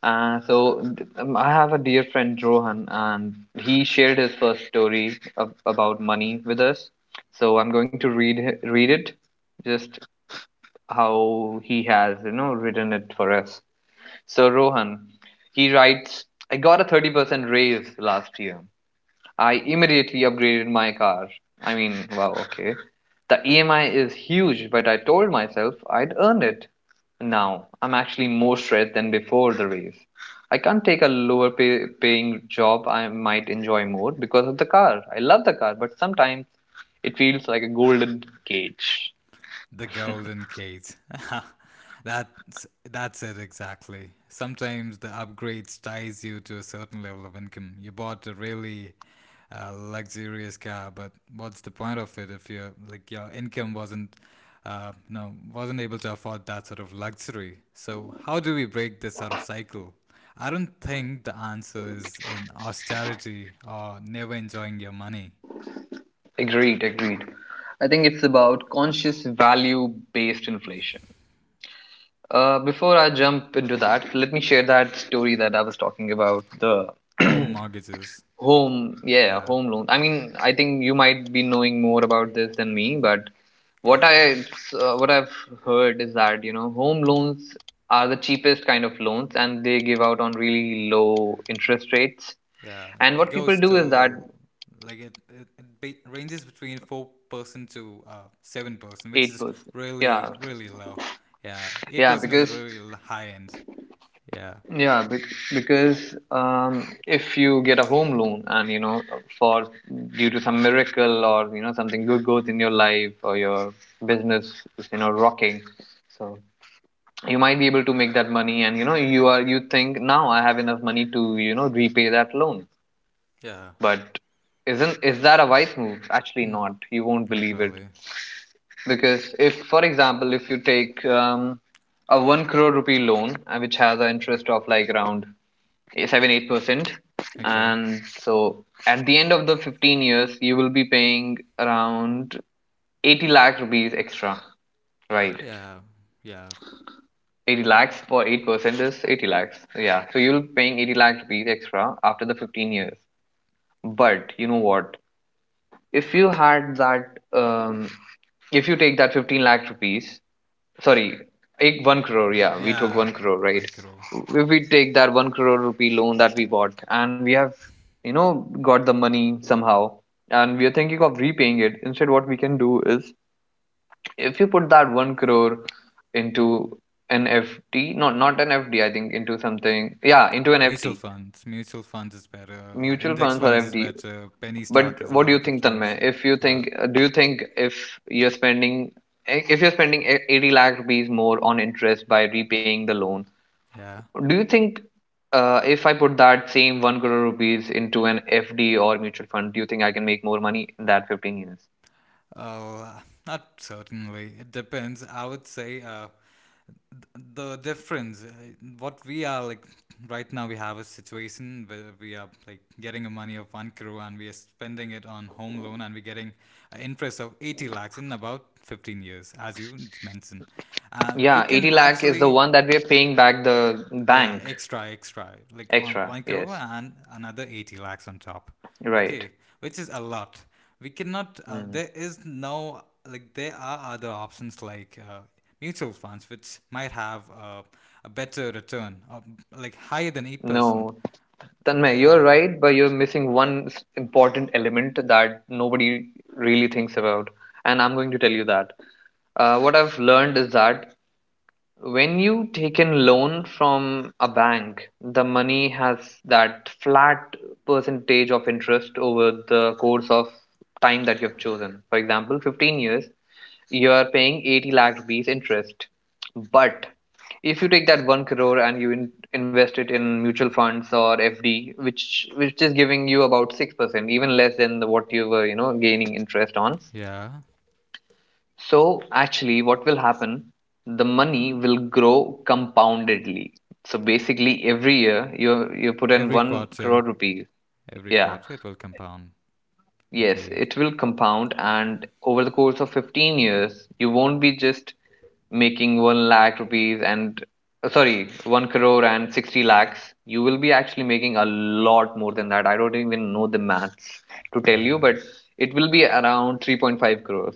Speaker 1: So I have a dear friend Rohan, and he shared his first story about money with us. So I'm going to read read it. Just how he has written it for us. So Rohan, he writes, I got a 30% raise last year. I immediately upgraded my car. I mean, wow, okay. The EMI is huge, but I told myself I'd earn it. Now I'm actually more stressed than before the raise. I can't take a lower paying job I might enjoy more because of the car. I love the car, but sometimes it feels like a golden cage.
Speaker 2: The Golden Gate. (laughs) That's it exactly. Sometimes the upgrades ties you to a certain level of income. You bought a really luxurious car, but what's the point of it if your like your income wasn't no wasn't able to afford that sort of luxury? So how do we break this sort of cycle? I don't think the answer is in austerity or never enjoying your money.
Speaker 1: Agreed, agreed. I think it's about conscious value based inflation. Before I jump into that, let me share that story that I was talking about the
Speaker 2: Home
Speaker 1: (clears throat)
Speaker 2: mortgages.
Speaker 1: yeah,
Speaker 2: Yeah.
Speaker 1: home loan. I mean, I think you might be knowing more about this than me, but what
Speaker 2: Yeah.
Speaker 1: I what I've heard is that home loans are the cheapest kind of loans, and they give out on really low interest rates.
Speaker 2: Yeah,
Speaker 1: And
Speaker 2: it
Speaker 1: what people
Speaker 2: goes
Speaker 1: do is that
Speaker 2: till, like, it ranges between 4% to 7%, which
Speaker 1: eight
Speaker 2: is
Speaker 1: percent. Yeah,
Speaker 2: really really low. Yeah, eight
Speaker 1: yeah,
Speaker 2: percent is
Speaker 1: because
Speaker 2: really high end. Yeah,
Speaker 1: yeah, because if you get a home loan, and for, due to some miracle, or something good goes in your life, or your business is rocking, so you might be able to make that money, and you think, now I have enough money to repay that loan,
Speaker 2: yeah,
Speaker 1: but isn't is that a wise move? Actually,
Speaker 2: mm,
Speaker 1: not. You won't
Speaker 2: not
Speaker 1: believe it,
Speaker 2: really.
Speaker 1: because if, for example, if you take a 1 crore rupee loan which has an interest of like around, okay, 7-8%,
Speaker 2: Okay.
Speaker 1: and so at the end of the 15 years you will be paying around 80 lakh rupees extra, right?
Speaker 2: Yeah, yeah,
Speaker 1: 80 lakhs for 8% is 80 lakhs, yeah, so you'll be paying 80 lakh rupees extra after the 15 years. But you know what, if you had that um if you take that 15 lakh rupees, sorry, eight, 1 crore. Yeah, we took
Speaker 2: yeah.
Speaker 1: 1 crore, right?
Speaker 2: 1 crore.
Speaker 1: If we take that 1 crore rupee loan that we bought, and we have, got the money somehow, and we are thinking of repaying it, instead, what we can do is, if you put that 1 crore into an FD, not an F D, I think, into something, yeah, into an
Speaker 2: Mutual
Speaker 1: FD,
Speaker 2: funds. Mutual funds is better. Uh,
Speaker 1: mutual
Speaker 2: index
Speaker 1: funds or
Speaker 2: funds is
Speaker 1: FD.
Speaker 2: better. Penny stock
Speaker 1: But
Speaker 2: is a
Speaker 1: what do you
Speaker 2: lot of
Speaker 1: think,
Speaker 2: things.
Speaker 1: Tanmay? If you
Speaker 2: Uh,
Speaker 1: think, Do you think, if you're spending 80 lakh rupees more on interest by repaying the loan?
Speaker 2: yeah.
Speaker 1: Do you think, if I put that same 1 crore rupees into an FD or mutual fund, do you think I can make more money in that 15 years?
Speaker 2: Oh, not certainly. It depends. I would say the difference, what we are like right now, we have a situation where we are like getting a money of 1 crore and we are spending it on home loan, and we're getting an interest of 80 lakhs in about 15 years as you mentioned. We
Speaker 1: Yeah,
Speaker 2: can
Speaker 1: 80 lakh is the
Speaker 2: actually,
Speaker 1: one that we are paying back the
Speaker 2: yeah,
Speaker 1: bank
Speaker 2: extra, extra, like on
Speaker 1: extra.
Speaker 2: 1 crore
Speaker 1: Yes,
Speaker 2: and another 80 lakhs on top.
Speaker 1: right.
Speaker 2: Okay, which is a lot. We cannot,
Speaker 1: Hmm.
Speaker 2: there is no, like, there are other options like mutual funds, which might have a better return, like higher than 8%.
Speaker 1: No, Tanmay,
Speaker 2: There
Speaker 1: you're
Speaker 2: are,
Speaker 1: right, but you're missing one important element that nobody really thinks about. And I'm going to tell you that. What I've learned is that when you take in loan from a bank, the money has that flat percentage of interest over the course of time that you have chosen. For example, 15 years, you are paying 80 lakh rupees interest. But if you take that 1 crore and you invest it in mutual funds or FD, which is giving you about 6%, even less than what you were, gaining interest on,
Speaker 2: yeah,
Speaker 1: so actually, what will happen? The money will grow compoundedly. So basically, every year you put in
Speaker 2: every
Speaker 1: one crore
Speaker 2: quarter,
Speaker 1: rupees.
Speaker 2: every
Speaker 1: Yeah,
Speaker 2: quarter it will compound.
Speaker 1: yes,
Speaker 2: Indeed.
Speaker 1: it will compound, and over the course of 15 years, you won't be just making 1 lakh rupees, and sorry, 1 crore and 60 lakhs. You will be actually making a lot more than that. I don't even know the maths to tell you,
Speaker 2: Yeah,
Speaker 1: but it will be around 3.5 crores.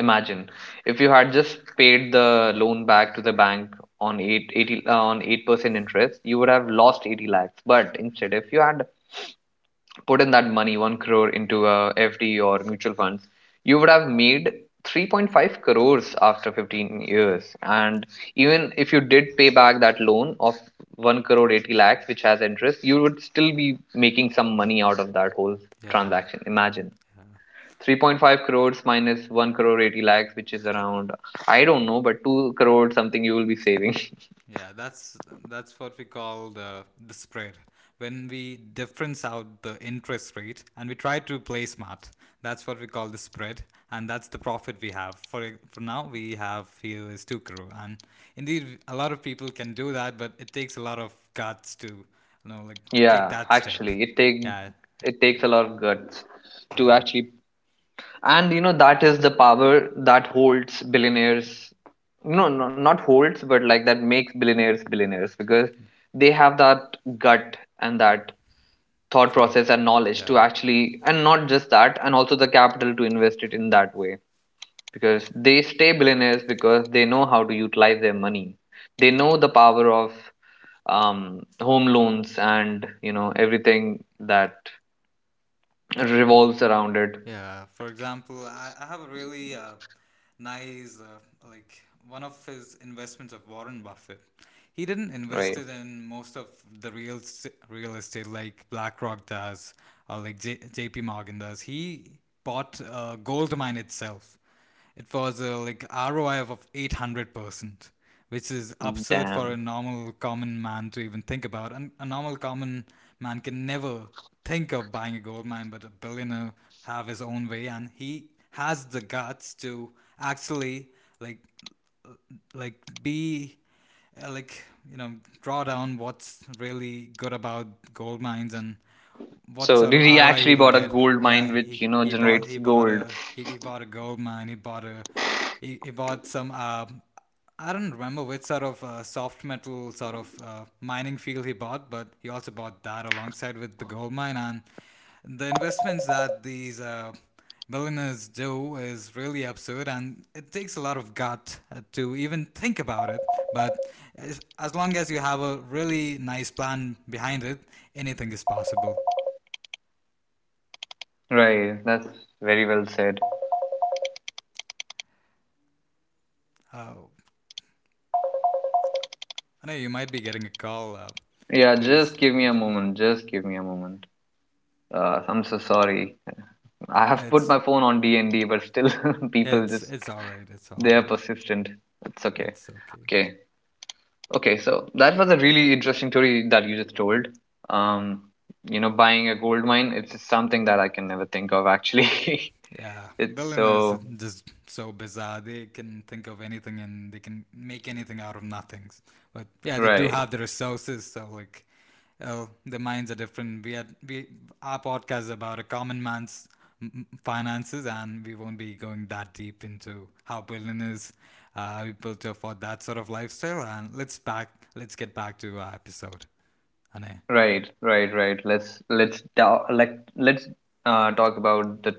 Speaker 1: Imagine, if you had just paid the loan back to the bank on 880 on 8% interest, you would have lost 80 lakhs. But instead, if you had put in that money, 1 crore, into a FD or mutual funds, you would have made 3.5 crores after 15 years. And even if you did pay back that loan of 1 crore 80 lakhs, which has interest, you would still be making some money out of that whole
Speaker 2: yeah,
Speaker 1: transaction. Imagine,
Speaker 2: yeah.
Speaker 1: 3.5 crores minus 1 crore 80 lakhs, which is around, I don't know, but 2 crores something you will be saving.
Speaker 2: Yeah, that's what we call the spread. When we difference out the interest rate and we try to play smart, that's what we call the spread, and that's the profit we have. For now, we have here is 2 crore, and indeed, a lot of people can do that, but it takes a lot of guts to like
Speaker 1: (laughs)
Speaker 2: take
Speaker 1: Yeah,
Speaker 2: that step.
Speaker 1: actually,
Speaker 2: Yeah,
Speaker 1: it takes a lot of guts to
Speaker 2: yeah,
Speaker 1: actually. And that is the power that holds billionaires. No, no, not holds, but like, that makes billionaires billionaires, because they have that gut and that thought
Speaker 2: sort of,
Speaker 1: process and knowledge to
Speaker 2: yeah,
Speaker 1: actually, and not just that, and also the capital to invest it in that way. Because they stay billionaires, because they know how to utilize their money. They know
Speaker 2: yeah.
Speaker 1: the power of home loans, and everything that revolves around it.
Speaker 2: Yeah, for example, I have a really nice, like one of his investments of Warren Buffett. He didn't invest
Speaker 1: Right.
Speaker 2: it in most of the real estate like BlackRock does or like JP Morgan does. He bought a gold mine itself. It was a like ROI of 800%, which is absurd for a
Speaker 1: Damn.
Speaker 2: normal common man to even think about. And a normal common man can never think of buying a gold mine, but a billionaire have his own way and he has the guts to actually, like like be like you know draw down what's really good about gold mines and what
Speaker 1: So
Speaker 2: sort of
Speaker 1: Riri
Speaker 2: ROI
Speaker 1: actually
Speaker 2: he will
Speaker 1: bought a
Speaker 2: get.
Speaker 1: gold
Speaker 2: Yeah,
Speaker 1: mine which, generates gold.
Speaker 2: he bought a gold mine. He bought a he bought some, I don't remember which sort of soft metal sort of mining field he bought, but he also bought that alongside with the gold mine, and the investments that these billionaires do is really absurd and it takes a lot of gut to even think about it. But as long as you have a really nice plan behind it, anything is possible.
Speaker 1: Right. That's very well said.
Speaker 2: Oh, I know you might be getting a call. Uh,
Speaker 1: Yeah,
Speaker 2: please,
Speaker 1: just give me a moment. Just give me a moment. I'm so sorry. I
Speaker 2: Uh,
Speaker 1: have put
Speaker 2: it's
Speaker 1: my phone on D&D, but still (laughs) people
Speaker 2: it's
Speaker 1: just
Speaker 2: it's all right. It's all
Speaker 1: they are
Speaker 2: right.
Speaker 1: persistent. It's okay.
Speaker 2: It's okay.
Speaker 1: Okay. Okay, so that was a really interesting story that you just told. Um, Buying a gold mine, it's something that I can never think of actually. (laughs)
Speaker 2: Yeah,
Speaker 1: It's
Speaker 2: billionaires are
Speaker 1: so
Speaker 2: just so bizarre. They can think of anything and they can make anything out of nothing. But yeah, they do
Speaker 1: Right.
Speaker 2: have the resources, so, like, oh, the minds are different. We are we our podcast is about a common man's m- finances, and we won't be going that deep into how billionaires are able to afford that sort of lifestyle. And let's get back to our episode. Ane.
Speaker 1: Right, right, right. Let's da- let let's talk about the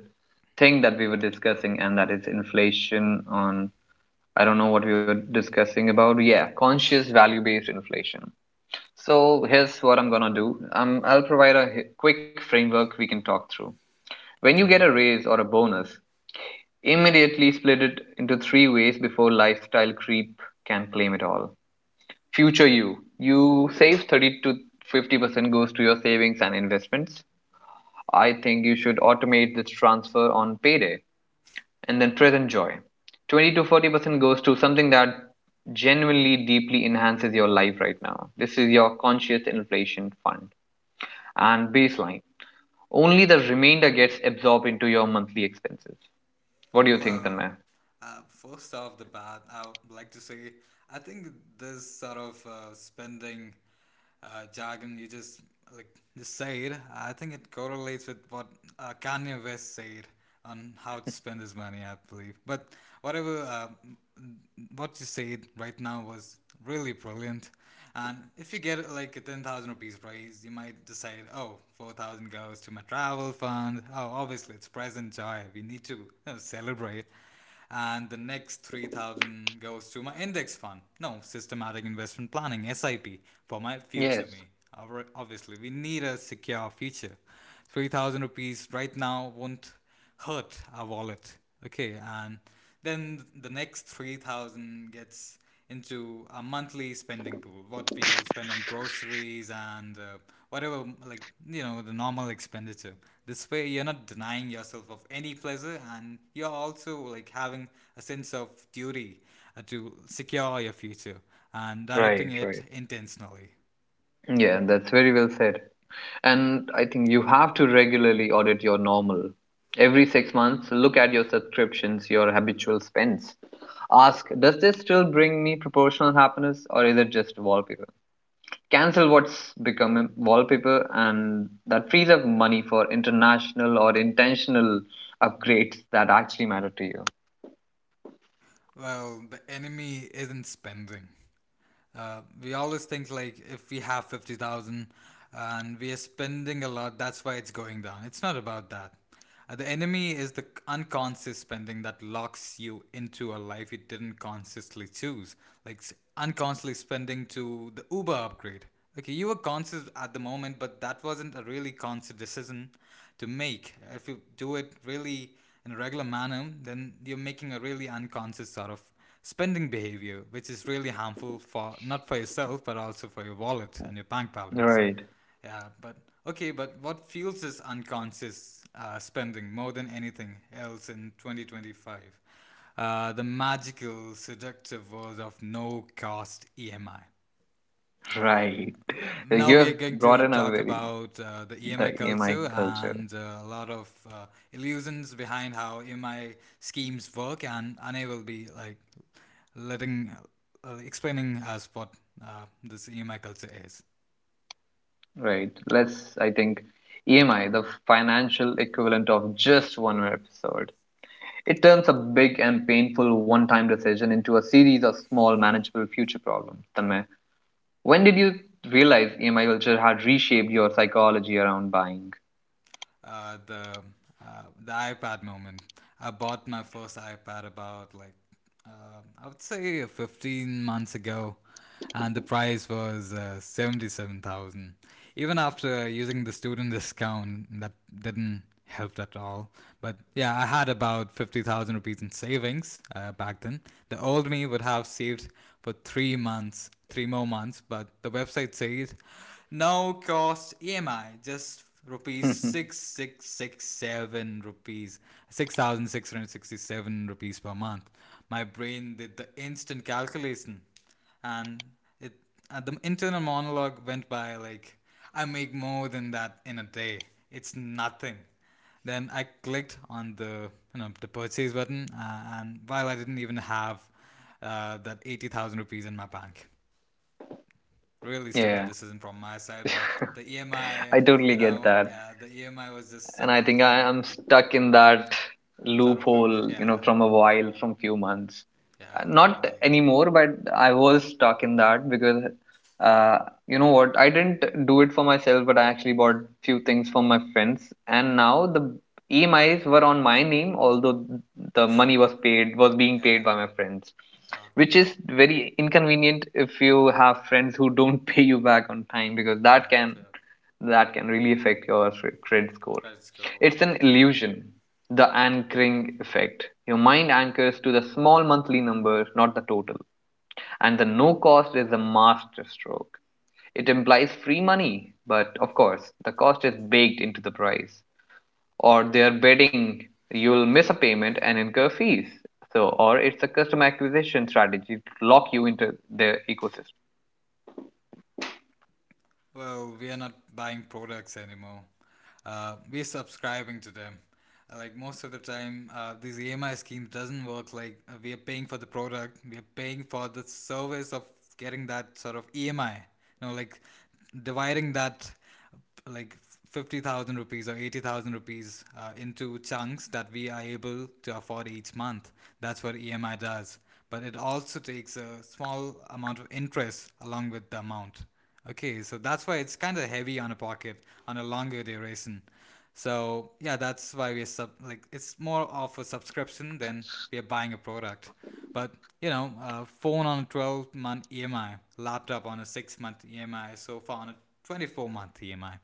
Speaker 1: thing that we were discussing, and that is inflation. On I don't know what we were discussing about. Yeah, conscious value-based inflation. So here's what I'm gonna do. I'll provide a quick framework we can talk through. When you
Speaker 2: Okay.
Speaker 1: get a raise or a bonus, immediately split it into three ways before lifestyle creep can claim it all. Future you, you save 30 to 50% goes to your savings and investments. I think you should automate this transfer on payday, and then present joy. 20 to 40% goes to something that genuinely deeply enhances your life right now. This is your conscious inflation fund, and baseline. Only the remainder gets absorbed into your monthly expenses. What do you think,
Speaker 2: Well,
Speaker 1: Tanmay?
Speaker 2: first off the bat, I would like to say I think this sort of spending jargon you just said, I think it correlates with what Kanye West said on how to spend his money, I believe. But whatever, what you said right now was really brilliant. And if you get like a 10,000 rupees raise, you might decide, oh, 4,000 goes to my travel fund. Oh, obviously it's present joy. We need to, celebrate, and the next 3,000 goes to my index fund, no, systematic investment planning, sip, for my future
Speaker 1: Yes,
Speaker 2: me. Obviously we need a secure future. 3,000 rupees right now won't hurt our wallet, okay, and then the next 3,000 gets into a monthly spending pool, what we will spend on groceries and, whatever, like, the normal expenditure. This way you're not denying yourself of any pleasure and you're also like having a sense of duty to secure your future, and
Speaker 1: right,
Speaker 2: directing it
Speaker 1: right.
Speaker 2: intentionally.
Speaker 1: Yeah, that's very well said. And I think you have to regularly audit your normal. Every 6 months, look at your subscriptions, your habitual spends. Ask, does this still bring me proportional happiness, or is it just wallpaper? Cancel what's become wallpaper, and that frees up money for international or intentional upgrades that actually matter to you.
Speaker 2: Well, the enemy isn't spending. We always think like if we have 50,000 and we are spending a lot, that's why it's going down. It's not about that. The enemy is the unconscious spending that locks you into a life you didn't consciously choose. Like unconsciously spending to the Uber upgrade. Okay, you were conscious at the moment, but that wasn't a really conscious decision to make. If you do it really in a regular manner, then you're making a really unconscious sort of spending behavior, which is really harmful for not for yourself but also for your wallet and your bank balance.
Speaker 1: Right. (laughs)
Speaker 2: Yeah, but okay, but what fuels this unconscious spending more than anything else in 2025? The magical, seductive world of no cost EMI.
Speaker 1: Right.
Speaker 2: Now
Speaker 1: You
Speaker 2: we are
Speaker 1: have
Speaker 2: going
Speaker 1: brought
Speaker 2: to
Speaker 1: in a
Speaker 2: talk
Speaker 1: very
Speaker 2: about the EMI
Speaker 1: the EMI
Speaker 2: culture
Speaker 1: culture.
Speaker 2: and a lot of illusions behind how EMI schemes work, and Ane will be like letting explaining us what this EMI culture is.
Speaker 1: Right. Let's, I think, EMI, the financial equivalent of just one episode. It turns a big and painful one time decision into a series of small, manageable future problems. Tanmay, when did you realize EMI culture had reshaped your psychology around buying?
Speaker 2: uh, the the iPad moment. I bought my first iPad about like, I would say 15 months ago, and the price was 77,000. Even after using the student discount, that didn't helped at all. But yeah, I had about 50,000 rupees in savings back then. The old me would have saved for 3 months, 3 more months, but the website says no cost EMI, just rupees
Speaker 1: (laughs)
Speaker 2: 6667 rupees per month. My brain did the instant calculation, and it the internal monologue went by like, I make more than that in a day. It's nothing. Then I clicked on the you know the purchase button, and while I didn't even have that 80,000 rupees in my bank. Really
Speaker 1: Yeah,
Speaker 2: stupid decision from my side, but the EMI.
Speaker 1: I totally get that.
Speaker 2: Yeah, the EMI was just
Speaker 1: And
Speaker 2: so
Speaker 1: I
Speaker 2: like
Speaker 1: think I
Speaker 2: an
Speaker 1: am stuck in that
Speaker 2: sort of loop.
Speaker 1: loophole,
Speaker 2: Yeah.
Speaker 1: from a while, from few months.
Speaker 2: Yeah,
Speaker 1: Not
Speaker 2: indeed.
Speaker 1: anymore, but I was stuck in that because, uh, you know what, I didn't do it for myself, but I actually bought few things from my friends, and now the EMIs were on my name, although the money was being paid
Speaker 2: Yeah.
Speaker 1: by my friends, which is
Speaker 2: Okay.
Speaker 1: very inconvenient if you have friends who don't (laughs) pay you back on time because
Speaker 2: Yep, yep.
Speaker 1: that can really affect your credit score.
Speaker 2: Credit score.
Speaker 1: It's
Speaker 2: Yep.
Speaker 1: an illusion, the anchoring effect. Your mind anchors to the small monthly number, not the total. And the no cost is a master stroke. It implies free money, but of course the cost is baked into the price or their bidding. You'll miss a payment and incur fees. So, or it's a customer acquisition strategy to lock you into their ecosystem.
Speaker 2: Well, we are not buying products anymore. We're subscribing to them. Like, most of the time, these EMI schemes doesn't work. Like, we are paying for the product, we are paying for the service of getting that sort of EMI. You know, like dividing that, like, 50,000 rupees or 80,000 rupees, into chunks that we are able to afford each month. That's what EMI does. But it also takes a small amount of interest along with the amount. Okay, so that's why it's kind of heavy on a pocket on a longer duration. So yeah, that's why we're sub like, it's more of a subscription than we are buying a product. But you know, a phone on a 12 month EMI, laptop on a 6 month EMI, sofa on a 24 month EMI,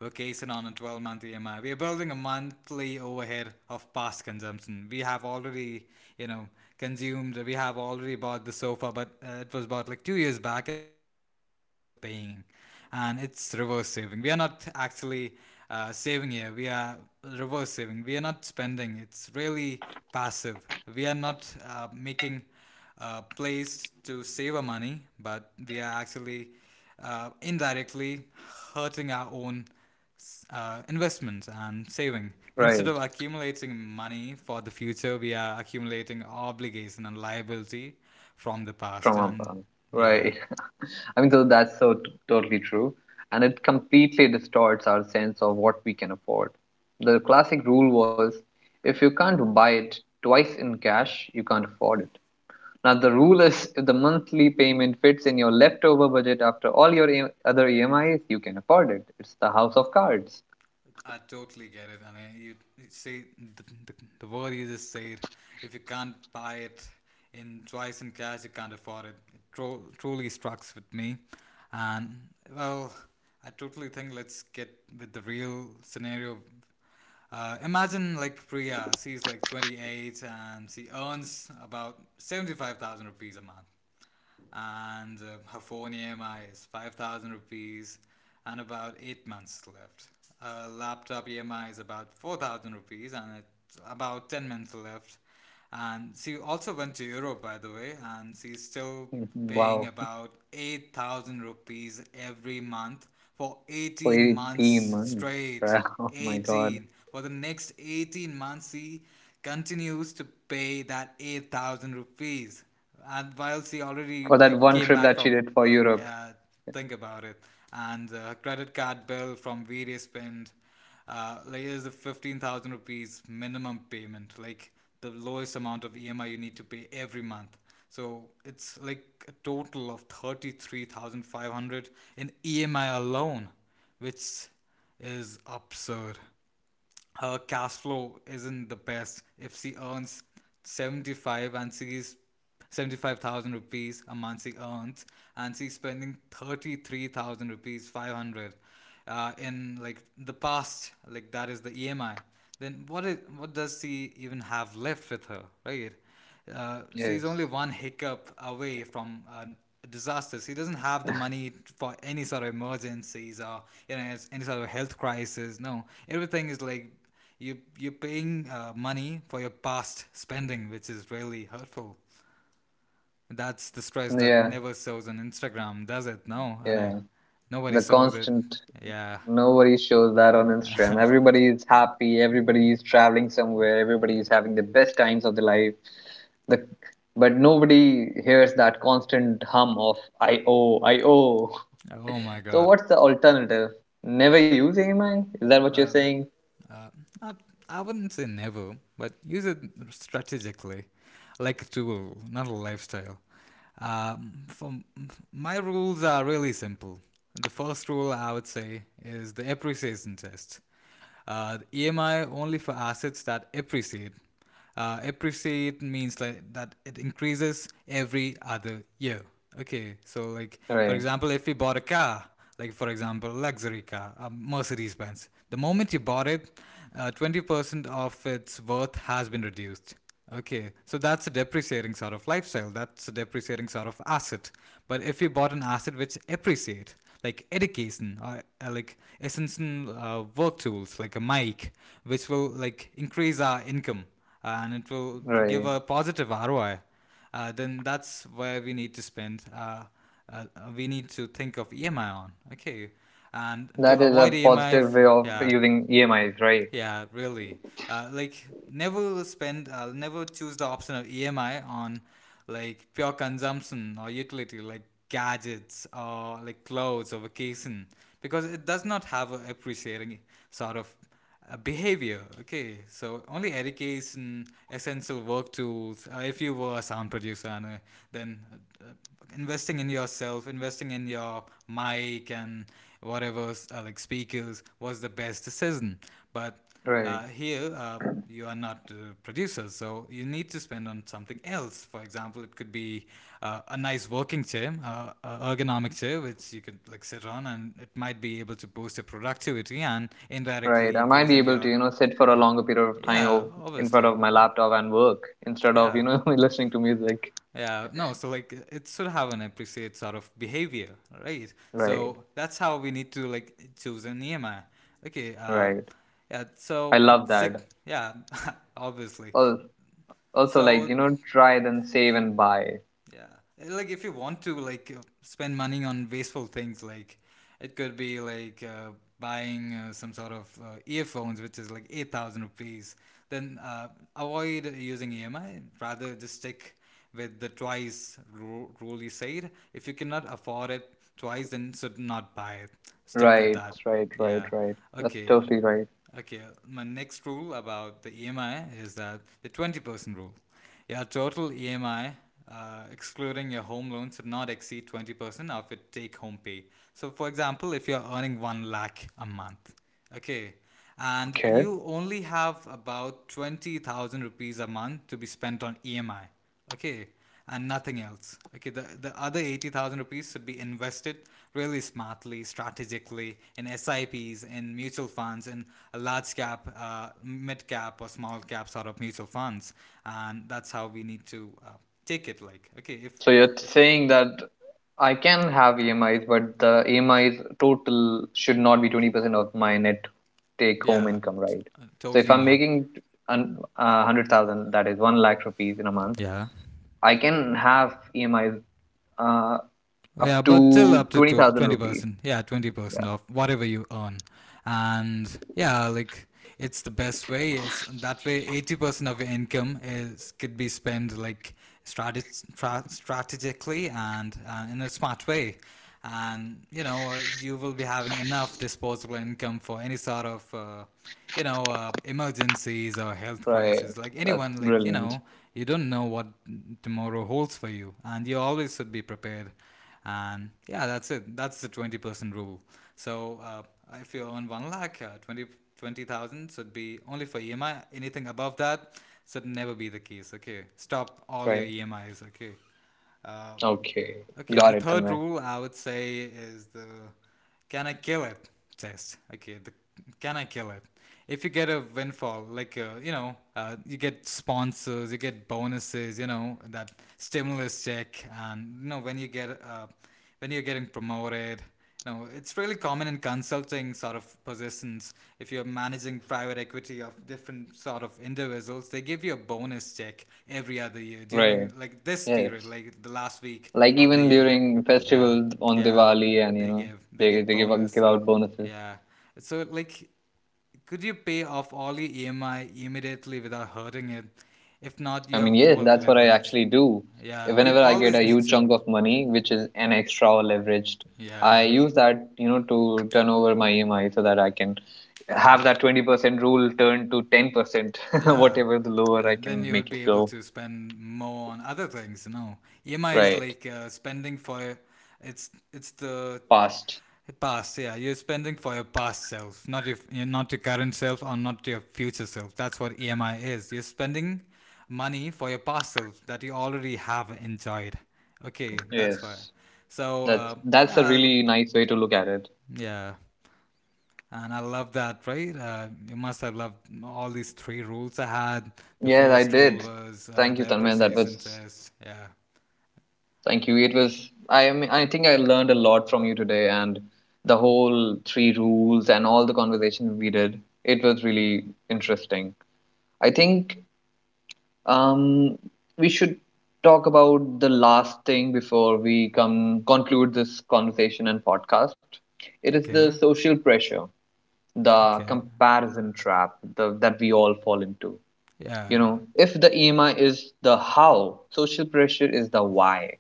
Speaker 2: vacation on a 12 month EMI. We are building a monthly overhead of past consumption. We have already, you know, consumed. We have already bought the sofa, but it was bought like 2 years back, and the EMI we are still paying, and it's reverse saving. We are not actually saving here. We are reverse saving. We are not spending. It's really passive. We are not making plays to save our money, but we are actually indirectly hurting our own investments and saving. Instead of
Speaker 1: Right.
Speaker 2: accumulating money for the future, we are accumulating obligation and liability from the past.
Speaker 1: From
Speaker 2: And
Speaker 1: above.
Speaker 2: yeah,
Speaker 1: Right. (laughs) I mean, so that's totally true. And it completely distorts our sense of what we can afford. The classic rule was, if you can't buy it twice in cash, you can't afford it. Now, the rule is, if the monthly payment fits in your leftover budget after all your other EMIs, you can afford it. It's the house of cards.
Speaker 2: I totally get it. I mean, you say the, the, the word you just said. If you can't buy it in twice in cash, you can't afford it. It truly strikes with me, and well, I totally think let's get with the real scenario. Imagine like Priya, she's like 28 and she earns about 75,000 rupees a month, and her phone EMI is 5,000 rupees and about 8 months left. Her laptop EMI is about 4,000 rupees and it's about 10 months left. And she also went to Europe, by the way, and she's still
Speaker 1: (laughs)
Speaker 2: paying
Speaker 1: Wow,
Speaker 2: about 8,000 rupees every month for
Speaker 1: for
Speaker 2: 18 months
Speaker 1: 18 months. (laughs)
Speaker 2: straight.
Speaker 1: Oh my God.
Speaker 2: 18. For the next 18 months, she continues to pay that 8,000 rupees, and whilst he already
Speaker 1: For that
Speaker 2: like
Speaker 1: one
Speaker 2: came
Speaker 1: trip
Speaker 2: back
Speaker 1: that she
Speaker 2: from.
Speaker 1: did for
Speaker 2: Yeah,
Speaker 1: Europe.
Speaker 2: yeah. Think about it. And credit card bill from various spend, like, is a 15,000 rupees minimum payment, like the lowest amount of EMI you need to pay every month. So it's like a total of 33,500 in EMI alone, which is absurd. Her cash flow isn't the best. If she earns 75 and she's 75,000 rupees a month she earns, and she's spending 33,000 rupees 500, in like the past, like that is the EMI. Then what does she even have left with her? Right. She's only
Speaker 1: Yes.
Speaker 2: one hiccup away from a disaster. She doesn't have the money for any sort of emergencies or you know any sort of health crisis. No, everything is like you're paying money for your past spending, which is really hurtful. That's the stress that
Speaker 1: Yeah,
Speaker 2: never shows on Instagram, does it? No,
Speaker 1: yeah.
Speaker 2: Anne. Nobody
Speaker 1: The
Speaker 2: shows it.
Speaker 1: constant
Speaker 2: Yeah.
Speaker 1: Nobody shows that on Instagram.
Speaker 2: (laughs)
Speaker 1: Everybody is happy. Everybody is traveling somewhere. Everybody is having the best times of their life. The But nobody hears that constant hum of IOIO.
Speaker 2: Oh my
Speaker 1: So
Speaker 2: god.
Speaker 1: what's the alternative? Never use EMI? Is that what you're
Speaker 2: Well,
Speaker 1: saying?
Speaker 2: Uh, I, I wouldn't say never, but use it strategically, like a tool, not a lifestyle. For My rules are really simple. The first rule I would say is the appreciation test. EMI only for assets that appreciate. Appreciate means like that it increases every other year. Okay, so like for
Speaker 1: Right,
Speaker 2: example, if you bought a car, like for example, luxury car, a Mercedes Benz, the moment you bought it, 20% of its worth has been reduced. Okay, so that's a depreciating sort of lifestyle. That's a depreciating sort of asset. But if you bought an asset which appreciate, like education or like essential work tools, like a mic, which will like increase our income and it will give
Speaker 1: right.
Speaker 2: a positive ROI, then that's where we need to spend. Uh, we need to think of EMI on. Okay, and to
Speaker 1: That is
Speaker 2: avoid
Speaker 1: a
Speaker 2: EMI,
Speaker 1: positive
Speaker 2: if,
Speaker 1: way of
Speaker 2: yeah,
Speaker 1: using EMIs, right?
Speaker 2: yeah, really. Like, never spend, I'll never choose the option of EMI on like pure consumption or utility like gadgets or like clothes or vacation, because it does not have a appreciating sort of behavior. Okay, so only education, essential work tools. If you were a sound producer, and, then uh, investing in yourself, investing in your mic and whatever, like, speakers, was the best decision. But
Speaker 1: Right,
Speaker 2: here, you are not producers, so you need to spend on something else. For example, it could be a nice working chair, a ergonomic chair which you could like sit on, and it might be able to boost your productivity and
Speaker 1: right.
Speaker 2: indirectly
Speaker 1: I might be
Speaker 2: increasing
Speaker 1: able to,
Speaker 2: your.
Speaker 1: you know, sit for a longer period of
Speaker 2: Yeah,
Speaker 1: time in front of
Speaker 2: obviously.
Speaker 1: my laptop and work instead of, you
Speaker 2: Yeah,
Speaker 1: know, (laughs) listening to music.
Speaker 2: yeah, no, so like it should have an appreciate sort of behavior, right?
Speaker 1: Right.
Speaker 2: So that's how we need to like choose a Nehemiah. Okay,
Speaker 1: Right.
Speaker 2: yeah,
Speaker 1: I
Speaker 2: so
Speaker 1: love that.
Speaker 2: sick, yeah. (laughs) Obviously.
Speaker 1: Al- Also, like, you
Speaker 2: So
Speaker 1: know, try then save and buy.
Speaker 2: yeah. And, like, if you want to like spend money on wasteful things, like it could be like buying some sort of earphones, which is like 8,000 rupees. Then avoid using EMI. Rather, just stick with the twice rule you said. If you cannot afford it twice, then should not buy it. Stick with
Speaker 1: Right,
Speaker 2: that.
Speaker 1: right, right,
Speaker 2: Yeah.
Speaker 1: right. That's
Speaker 2: Okay.
Speaker 1: totally right.
Speaker 2: Okay. My next rule about the EMI is that the 20% rule. Your total EMI, excluding your home loan, should not exceed 20% of your take home pay. So, for example, if you're earning 1 lakh a month, okay, and
Speaker 1: Okay.
Speaker 2: you only have about 20,000 rupees a month to be spent on EMI, okay, and nothing else. Okay, the other 80,000 rupees should be invested really smartly, strategically in SIPs, in mutual funds, in a large cap, mid cap, or small cap sort of mutual funds. And that's how we need to take it. Like, okay,
Speaker 1: So you're
Speaker 2: if,
Speaker 1: saying that I can have EMIs, but the EMIs total should not be 20% of my net take home
Speaker 2: yeah,
Speaker 1: income, right? So if
Speaker 2: totally
Speaker 1: I'm
Speaker 2: not.
Speaker 1: making 100,000, that is 1 lakh rupees in a month,
Speaker 2: Yeah.
Speaker 1: I can have EMIs uh, up
Speaker 2: Yeah, but till
Speaker 1: to
Speaker 2: up to
Speaker 1: 20,000
Speaker 2: twenty
Speaker 1: rupees.
Speaker 2: percent. Yeah, 20%
Speaker 1: Yeah,
Speaker 2: of whatever you earn, and yeah, like it's the best way. It's that way. 80% of your income is could be spent like strategically and in a smart way, and you will be having enough disposable income for any sort of. Emergencies or health
Speaker 1: right.
Speaker 2: crisis, like
Speaker 1: That's
Speaker 2: anyone,
Speaker 1: brilliant.
Speaker 2: you don't know what tomorrow holds for you, and you always should be prepared, and yeah, that's it. That's the 20% rule. So if you earn 1 lakh, 20 20,000 should be only for EMI. Anything above that should never be the case. Okay, stop all your
Speaker 1: Right.
Speaker 2: EMIs. Okay. uh,
Speaker 1: Okay,
Speaker 2: okay, the
Speaker 1: got it,
Speaker 2: third
Speaker 1: Tanmay.
Speaker 2: rule I would say is the can I kill it test. Okay, the can I kill it, if you get a windfall like you get sponsors, you get bonuses, you know that stimulus check, and when you're getting promoted. No, it's really common in consulting sort of positions. If you're managing private equity of different sort of individuals, they give you a bonus check every other year
Speaker 1: Right.
Speaker 2: during like this period,
Speaker 1: Yes.
Speaker 2: like the last week
Speaker 1: Like
Speaker 2: of the
Speaker 1: even
Speaker 2: year.
Speaker 1: during
Speaker 2: Yeah,
Speaker 1: festivals on
Speaker 2: yeah,
Speaker 1: Diwali and, you
Speaker 2: they
Speaker 1: know,
Speaker 2: give they
Speaker 1: they
Speaker 2: give
Speaker 1: they give
Speaker 2: bonus.
Speaker 1: out bonuses.
Speaker 2: Yeah, so like, could you pay off all your EMI immediately without hurting it? If not,
Speaker 1: I
Speaker 2: you're
Speaker 1: mean, yes,
Speaker 2: over
Speaker 1: that's what I
Speaker 2: leveraged.
Speaker 1: actually do.
Speaker 2: Yeah, you
Speaker 1: Whenever I get
Speaker 2: always
Speaker 1: a
Speaker 2: need
Speaker 1: huge
Speaker 2: to.
Speaker 1: chunk of money, which is an extra or leveraged, I
Speaker 2: Yeah,
Speaker 1: use that, you know, to turn over my EMI so that I can
Speaker 2: yeah.
Speaker 1: have that 20% rule turned to 10%, (laughs)
Speaker 2: Yeah.
Speaker 1: whatever the lower
Speaker 2: Yeah.
Speaker 1: I
Speaker 2: Then
Speaker 1: can
Speaker 2: you would
Speaker 1: make it
Speaker 2: be able
Speaker 1: go.
Speaker 2: to spend more on other things, you know. EMI is
Speaker 1: Right.
Speaker 2: like, spending for. It's the
Speaker 1: Past.
Speaker 2: past, yeah. You're spending for your past self, not your current self or not your future self. That's what EMI is. You're spending money for your past self that you already have enjoyed. Okay, that's why.
Speaker 1: Yes.
Speaker 2: So,
Speaker 1: That that's a
Speaker 2: yeah,
Speaker 1: really nice way to look at it.
Speaker 2: yeah. And I love that, right? You must have loved all these three rules I had. The
Speaker 1: Yes, I
Speaker 2: first rule
Speaker 1: did.
Speaker 2: was
Speaker 1: Thank you,
Speaker 2: the
Speaker 1: Tanmay. That
Speaker 2: appreciation
Speaker 1: was
Speaker 2: test. Yeah.
Speaker 1: thank you. It was, I mean, I think I learned a lot from you today and the whole three rules and all the conversations we did. It was really interesting. I think, um, we should talk about the last thing before we come conclude this conversation and podcast. It is the
Speaker 2: Okay.
Speaker 1: social pressure, the
Speaker 2: Okay.
Speaker 1: comparison trap, that we all fall into.
Speaker 2: Yeah.
Speaker 1: You know, if the EMI is the how, social pressure is the why.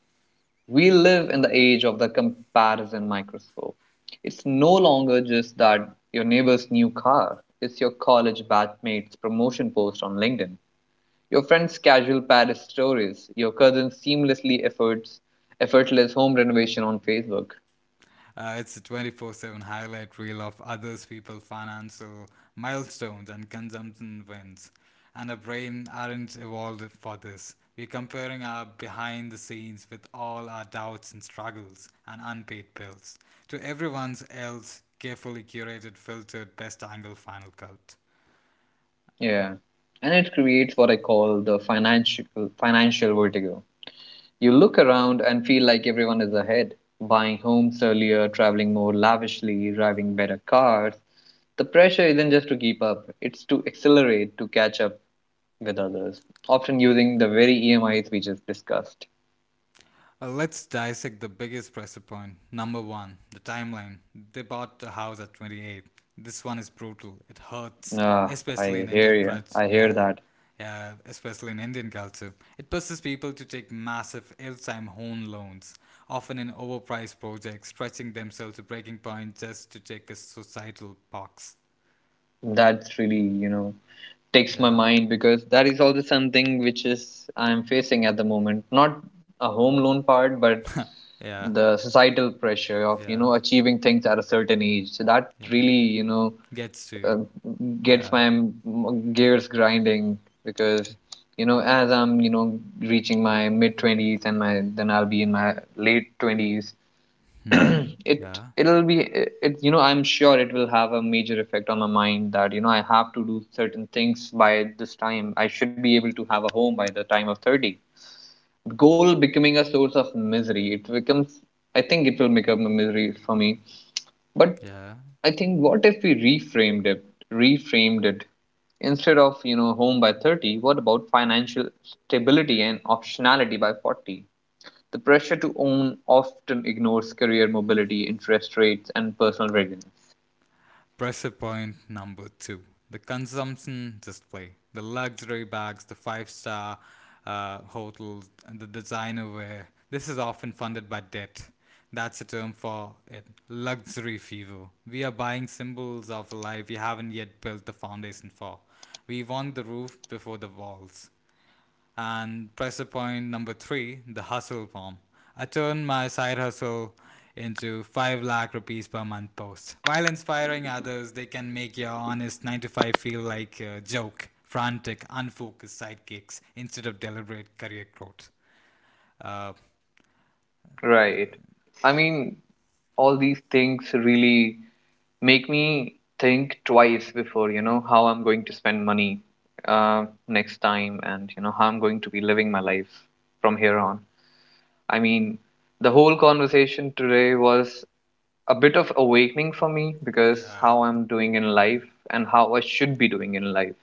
Speaker 1: We live in the age of the comparison microscope. It's no longer just that your neighbor's new car, it's your college batchmate's promotion post on LinkedIn, your friend's casual Paris stories, your cousin's effortless home renovation on Facebook.
Speaker 2: It's a 24/7 highlight reel of others, people, financial milestones, and consumption wins. And our brain aren't evolved for this. We're comparing our behind the scenes with all our doubts and struggles and unpaid bills to everyone's else carefully curated, filtered, best angle final cut.
Speaker 1: Yeah. And it creates what I call the financial vertigo. You look around and feel like everyone is ahead, buying homes earlier, traveling more lavishly, driving better cars. The pressure isn't just to keep up, it's to accelerate, to catch up with others, often using the very EMIs we just discussed.
Speaker 2: Let's dissect the biggest pressure point. Number one, the timeline. They bought the house at 28. This one is brutal. It hurts,
Speaker 1: Ah,
Speaker 2: especially
Speaker 1: I
Speaker 2: in
Speaker 1: hear
Speaker 2: Indian
Speaker 1: you.
Speaker 2: culture.
Speaker 1: I hear
Speaker 2: Yeah,
Speaker 1: that.
Speaker 2: yeah, especially in Indian culture. It pushes people to take massive ill timed home loans, often in overpriced projects, stretching themselves to breaking point just to check a societal box.
Speaker 1: That's really, you know, takes my
Speaker 2: Yeah,
Speaker 1: mind because that is also something which is I'm facing at the moment. Not a home loan part, but
Speaker 2: yeah,
Speaker 1: the societal pressure of, you
Speaker 2: yeah,
Speaker 1: know, achieving things at a certain age. So that
Speaker 2: yeah.
Speaker 1: really, you know,
Speaker 2: Gets to you.
Speaker 1: uh, gets
Speaker 2: Yeah.
Speaker 1: my gears grinding because, you know, as I'm, you know, reaching my mid twenties and my then I'll be in my late twenties. (clears throat)
Speaker 2: Hmm.
Speaker 1: it
Speaker 2: Yeah.
Speaker 1: it'll be, it you know, I'm sure it will have a major effect on my mind that, you know, I have to do certain things by this time. I should be able to have a home by the time of 30. Goal becoming a source of misery, it becomes, I think it will become a misery for me. But
Speaker 2: Yeah.
Speaker 1: I think, what if we reframed it? Instead of, you know, home by 30, what about financial stability and optionality by 40? The pressure to own often ignores career mobility, interest rates, and personal readiness.
Speaker 2: Pressure point number two, the consumption display, the luxury bags, the five star hotels, and the designer wear. This is often funded by debt. That's a term for it luxury fever. We are buying symbols of a life we haven't yet built the foundation for. We want the roof before the walls. And pressure point number three, the hustle form. I turned my side hustle into 5 lakh rupees per month post. While inspiring others, they can make your honest 9 to 5 feel like a joke, frantic, unfocused sidekicks instead of deliberate career growth. Uh,
Speaker 1: Right. I mean, all these things really make me think twice before, you know, how I'm going to spend money next time and, you know, how I'm going to be living my life from here on. I mean, the whole conversation today was a bit of awakening for me because
Speaker 2: yeah,
Speaker 1: how I'm doing in life and how I should be doing in life.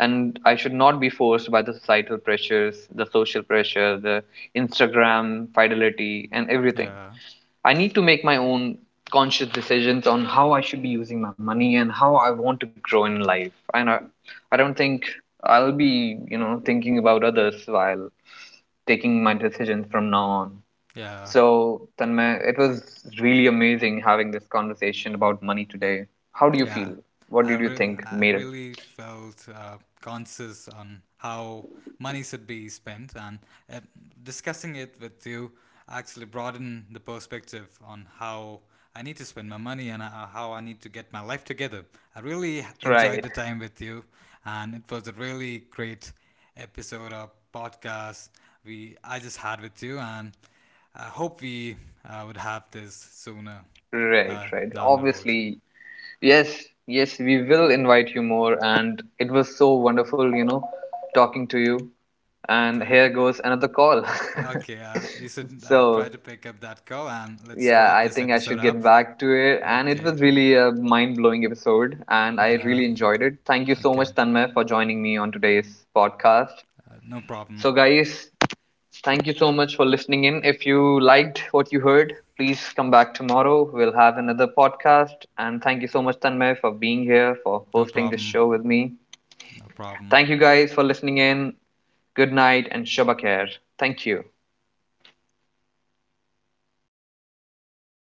Speaker 1: And I should not be forced by the societal pressures, the social pressure, the Instagram fidelity, and everything.
Speaker 2: yeah,
Speaker 1: I need to make my own conscious decisions on how I should be using my money and how I want to grow in life. And I don't think I'll be, you know, thinking about others while taking my decisions from now on.
Speaker 2: yeah.
Speaker 1: So, Tanmay, it was really amazing having this conversation about money today. How do you
Speaker 2: Yeah,
Speaker 1: feel? What did you think
Speaker 2: I
Speaker 1: made it?
Speaker 2: really felt conscious on how money should be spent, and uh, discussing it with you actually broadened the perspective on how I need to spend my money and how I need to get my life together. I really enjoyed
Speaker 1: Right,
Speaker 2: the time with you, and it was a really great episode of podcast we I just had with you, and I hope we would have this sooner
Speaker 1: right, right.
Speaker 2: down the road.
Speaker 1: Obviously, yes, yes, we will invite you more. And it was so wonderful, you know, talking to you. And
Speaker 2: Okay.
Speaker 1: here goes another call.
Speaker 2: Okay,
Speaker 1: (laughs)
Speaker 2: you should try
Speaker 1: So,
Speaker 2: to pick up that call and let's
Speaker 1: yeah,
Speaker 2: wrap
Speaker 1: I
Speaker 2: this
Speaker 1: think I
Speaker 2: episode
Speaker 1: should
Speaker 2: up.
Speaker 1: get back to it. And it
Speaker 2: Okay,
Speaker 1: was really a mind-blowing episode, and I
Speaker 2: yeah,
Speaker 1: really enjoyed it. Thank you so
Speaker 2: okay,
Speaker 1: much, Tanmay, for joining me on today's podcast.
Speaker 2: no problem,
Speaker 1: So, guys, thank you so much for listening in. If you liked what you heard, please come back tomorrow. We'll have another podcast. And thank you so much, Tanmay, for being here, for
Speaker 2: no
Speaker 1: hosting this
Speaker 2: problem,
Speaker 1: show with me.
Speaker 2: no problem.
Speaker 1: Thank you guys for listening in. Good night and Shabakir. Thank you.